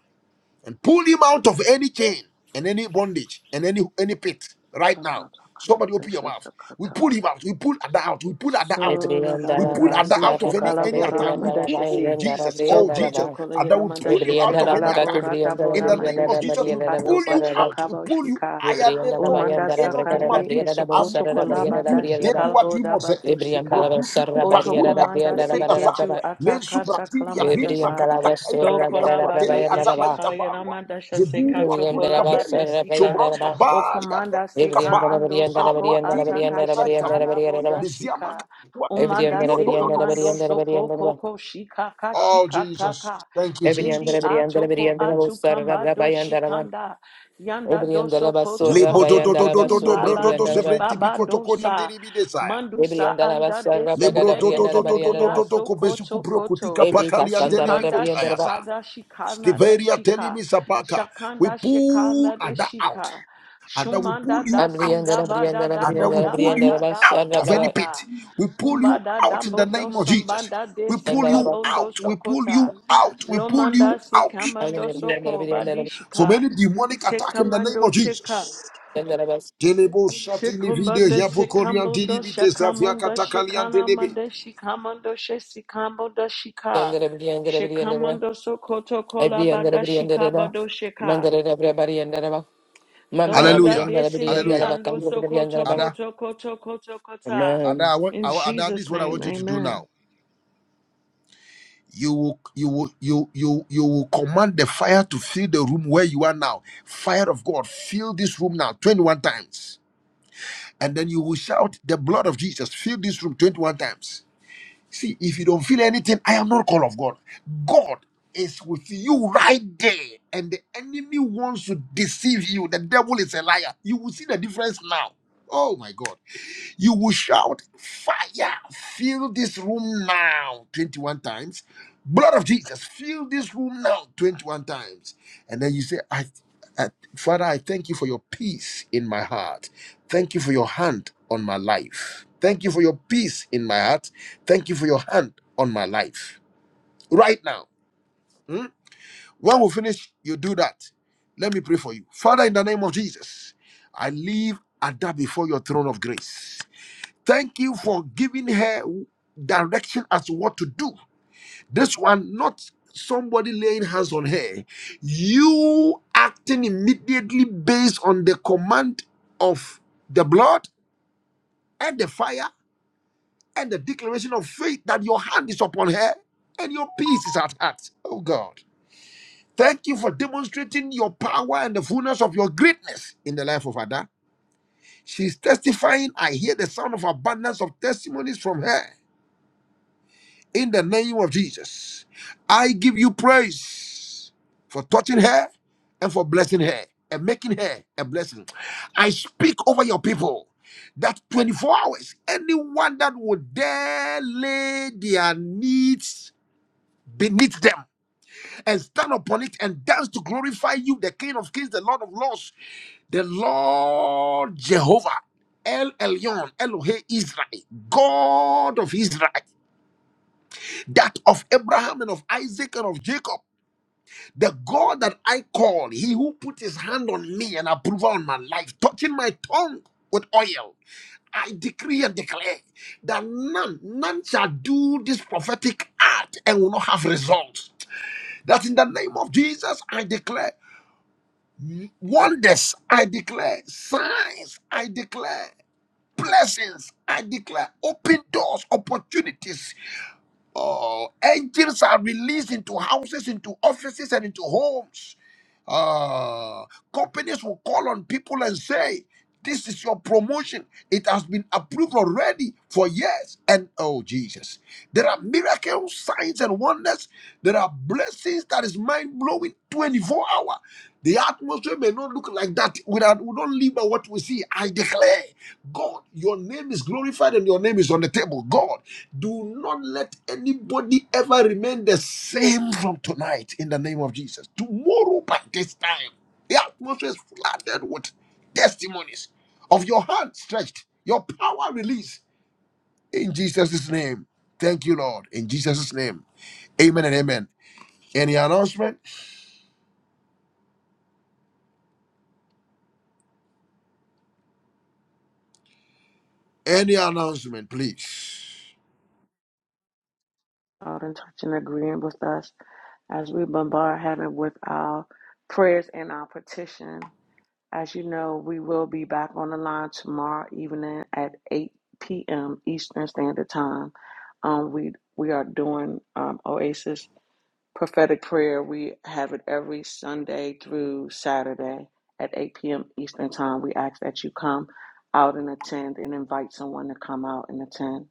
and pull him out of any chain and any bondage and any any pit right now.
no,
Somebody open your mouth. We pull him out. We pull Ada out. We pull Ada out.
Sola
We
bada
pull Ada out
namandisha
of any any
kalabora
attack. We pull
ramandasha si
oh Jesus, oh
sokoto
Jesus,
kolaya
Ada will pull
namandasha
you
si
out of
Rebriandara
any
Bacatu
attack.
kalabora
Briandara
In
tabora
the name of
Briandara
mandisha
Jesus,
si
we
Mariana
kando
pull you
basho
Busara,
out. We
kabo
pull you.
shika
Rebriandara
Ayaneto,
umanda
Bayandara Bracara,
sakande
Enotomadi,
Briandara
esokoto
Busara,
Amukudu
kolaba
Briandara
Vutu,
dashi
Briandara,
kalabo daba
Deduadimose.
Rebriandara
dusika
Produsu
Busara,
oto
Barriera,
kupakuria
komanda
Briandara
si
telemedazai.
ketu
Barra,
Lensu
atakata
bratiria
kalamanda
vini
sa
Rebriandara
makaita kaita
to
Busura,
kaita
Garra,
kwa
kolaba
tele azama
tateshi
Bayandara,
ita
kalaya
barua.
namandasha si
Zeburu
kato
aturi
Rebriandara
kolaba
kaberi.
Busara,
Shobrosta
Bayandara,
O
bali atele
komanda sika
kaba.
Rebriandara
ando
Briandara
Palu
soko
Briandara
atiri
ataka
vito
Briandara
sai
shika
Briandara
kavini.
labo
Briandara,
Liziama
dashika.
kwa tiri
Umanda
virio
Rebriandara
se
toyoto.
Briandara Briandara
komando soko
Briandara,
koko shika ka
Oh
shika
Jesus,
kaka.
thank you
Shindi
Rebriandara
Jesus.
Briandara
atoko
Briandara
atu
Busara,
kamado
Bayandara,
shikanda. Yanda doso
Rebriandara
koto
Basura,
Lebo to
koto
to to
Briandara
to to to
Basura,
kotumba
bro to to
badis
Rebriandara
sebre
baba
tipiko to
dosa.
koriandiri bidesaya.
Mandusa
Ebrika
anda
Lebro
desimbe
to to to to to to
esimbia
to to
soko
kobesu
to
kupro kutika
koto.
pakali
Sandara
andelebi
Shikanda
kotaya
Briandaraba,
sa.
shikada shikana da
Stiveria
shika.
telimi sapaka. We
Shakanda
pull
shikana da
Ada out.
shika.
Ada we
Shumanda
pull you
da
out.
sinda
Abriandara
ba da
Briandara
da
Ada
bo
we
Briandara
da
pull
ba
you
da
Briandaraba,
da ba
out
da
of
ba
any
Sarabra,
pit.
da.
We pull
Umba
you
da
out in
dambo
the
do
name of Jesus.
sombanda de
We
si
pull you
Andaraba,
kambondo
out. We pull
sokota.
you out. We pull
Lomanda
you
si
out
kamando
Briandara Briandara
soko
Briandaraba,
from
badishika.
any demonic
Se
attack in the name
kamando
of
shika.
Jesus.
Sandara
Telebo satini video
Shikumanda
yapo
shikambondo
koriantini bite safia
shakamonda
katakaliante lebe.
shikanamanda shikamondo shesikamondo shika.
Briandara Briandara Briandaraba,
Shikamondo sokoto kola
Abriandara
bada
Briandaraba,
shikabado shika.
Mandara Briandaraba, Mandara
Domanda
Hallelujah.
Briandara
desindi
Hallelujah.
Briandaraba,
ando
Kandra
soko
Briandaraba.
choko
Ada,
choko choko choko ta.
Ada,
Amen.
I want,
In
I want- Ada, this is
Jesus'
what I
name,
want you to do now.
amen.
you will you will you you you will command the fire to fill the room where you are now fire of god fill this room now 21 times and then you will shout the blood of jesus fill this room 21 times see if you don't feel anything i am not called of god god is with you right there and the enemy wants to deceive you the devil is a liar you will see the difference now oh my god you will shout, Fire, fill this room now 21 times. Blood of Jesus, fill this room now 21 times. And then you say, I, I, Father, I thank you for your peace in my heart. Thank you for your hand on my life. Thank you for your peace in my heart. Thank you for your hand on my life. Right now. hmm? When we finish, you do that. Let me pray for you. Father, in the name of Jesus, I leave Ada before your throne of grace. Thank you for giving her direction as to what to do. This one, not somebody laying hands on her. You acting immediately based on the command of the blood and the fire and the declaration of faith that your hand is upon her and your peace is at heart. Oh God. Thank you for demonstrating your power and the fullness of your greatness in the life of Ada. She's testifying. I hear the sound of abundance of testimonies from her. in the name of Jesus. I give you praise for touching her and for blessing her and making her a blessing. I speak over your people that 24 hours, anyone that would dare lay their needs beneath them and stand upon it and dance to glorify you, the King of Kings, the Lord of Lords, the Lord Jehovah, El Elyon, Elohe Israel, God of Israel that of Abraham and of Isaac and of Jacob, the God that I call, he who put his hand on me and approval on my life, touching my tongue with oil. I decree and declare that none, none shall do this prophetic act and will not have results. That in the name of Jesus, I declare wonders, I declare signs, I declare blessings, I declare open doors, opportunities, Oh, angels are released into houses, into offices, and into homes. Uh, companies will call on people and say, This is your promotion. It has been approved already for years. And oh, Jesus. There are miracles, signs, and wonders. There are blessings that is mind blowing 24 hour. The atmosphere may not look like that. We, are, we don't live by what we see. I declare. God, your name is glorified and your name is on the table. God, do not let anybody ever remain the same from tonight in the name of Jesus. Tomorrow, by this time, the atmosphere is flooded with testimonies of your hand stretched, your power released in Jesus' name. Thank you, Lord, in Jesus' name. Amen and amen. Any announcement? Any announcement, please.
Out in touch and agreeing with us as we bombard heaven with our prayers and our petition. As you know, we will be back on the line tomorrow evening at 8 p.m. Eastern Standard Time. Um, we we are doing um, Oasis Prophetic prayer, we have it every Sunday through Saturday at 8 p.m. Eastern Time. We ask that you come out and attend and invite someone to come out and attend.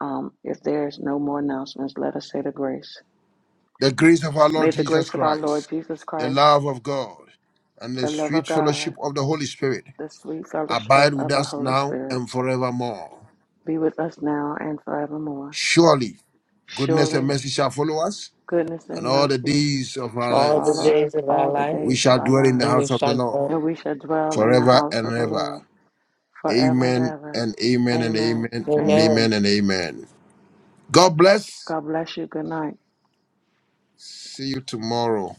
Um, if there's no more announcements, let us say the grace.
The grace of our Lord
May the
Jesus
grace of our
Christ,
Lord Jesus
the
Christ,
love of God, and the
the love of
sweet
God,
fellowship of the Holy Spirit
the sweet fellowship
abide with
of the
us
Holy
now
Spirit
and forevermore.
be with us now and forevermore.
Surely, goodness and
Surely
mercy shall follow us,
goodness and
and all the
mercy
days of our
shall
All the
lives
follow us
days of our
all the
life,
we
days of
shall
our
dwell in the
lives
and we
house of the
shall. pray.
Lord
and we shall dwell in the
forever
house
and
of the
ever.
Lord forever and
Amen
ever.
and amen and
Amen.
amen and
Amen.
Amen.
amen and amen. God bless.
God bless you. Good night.
See you tomorrow.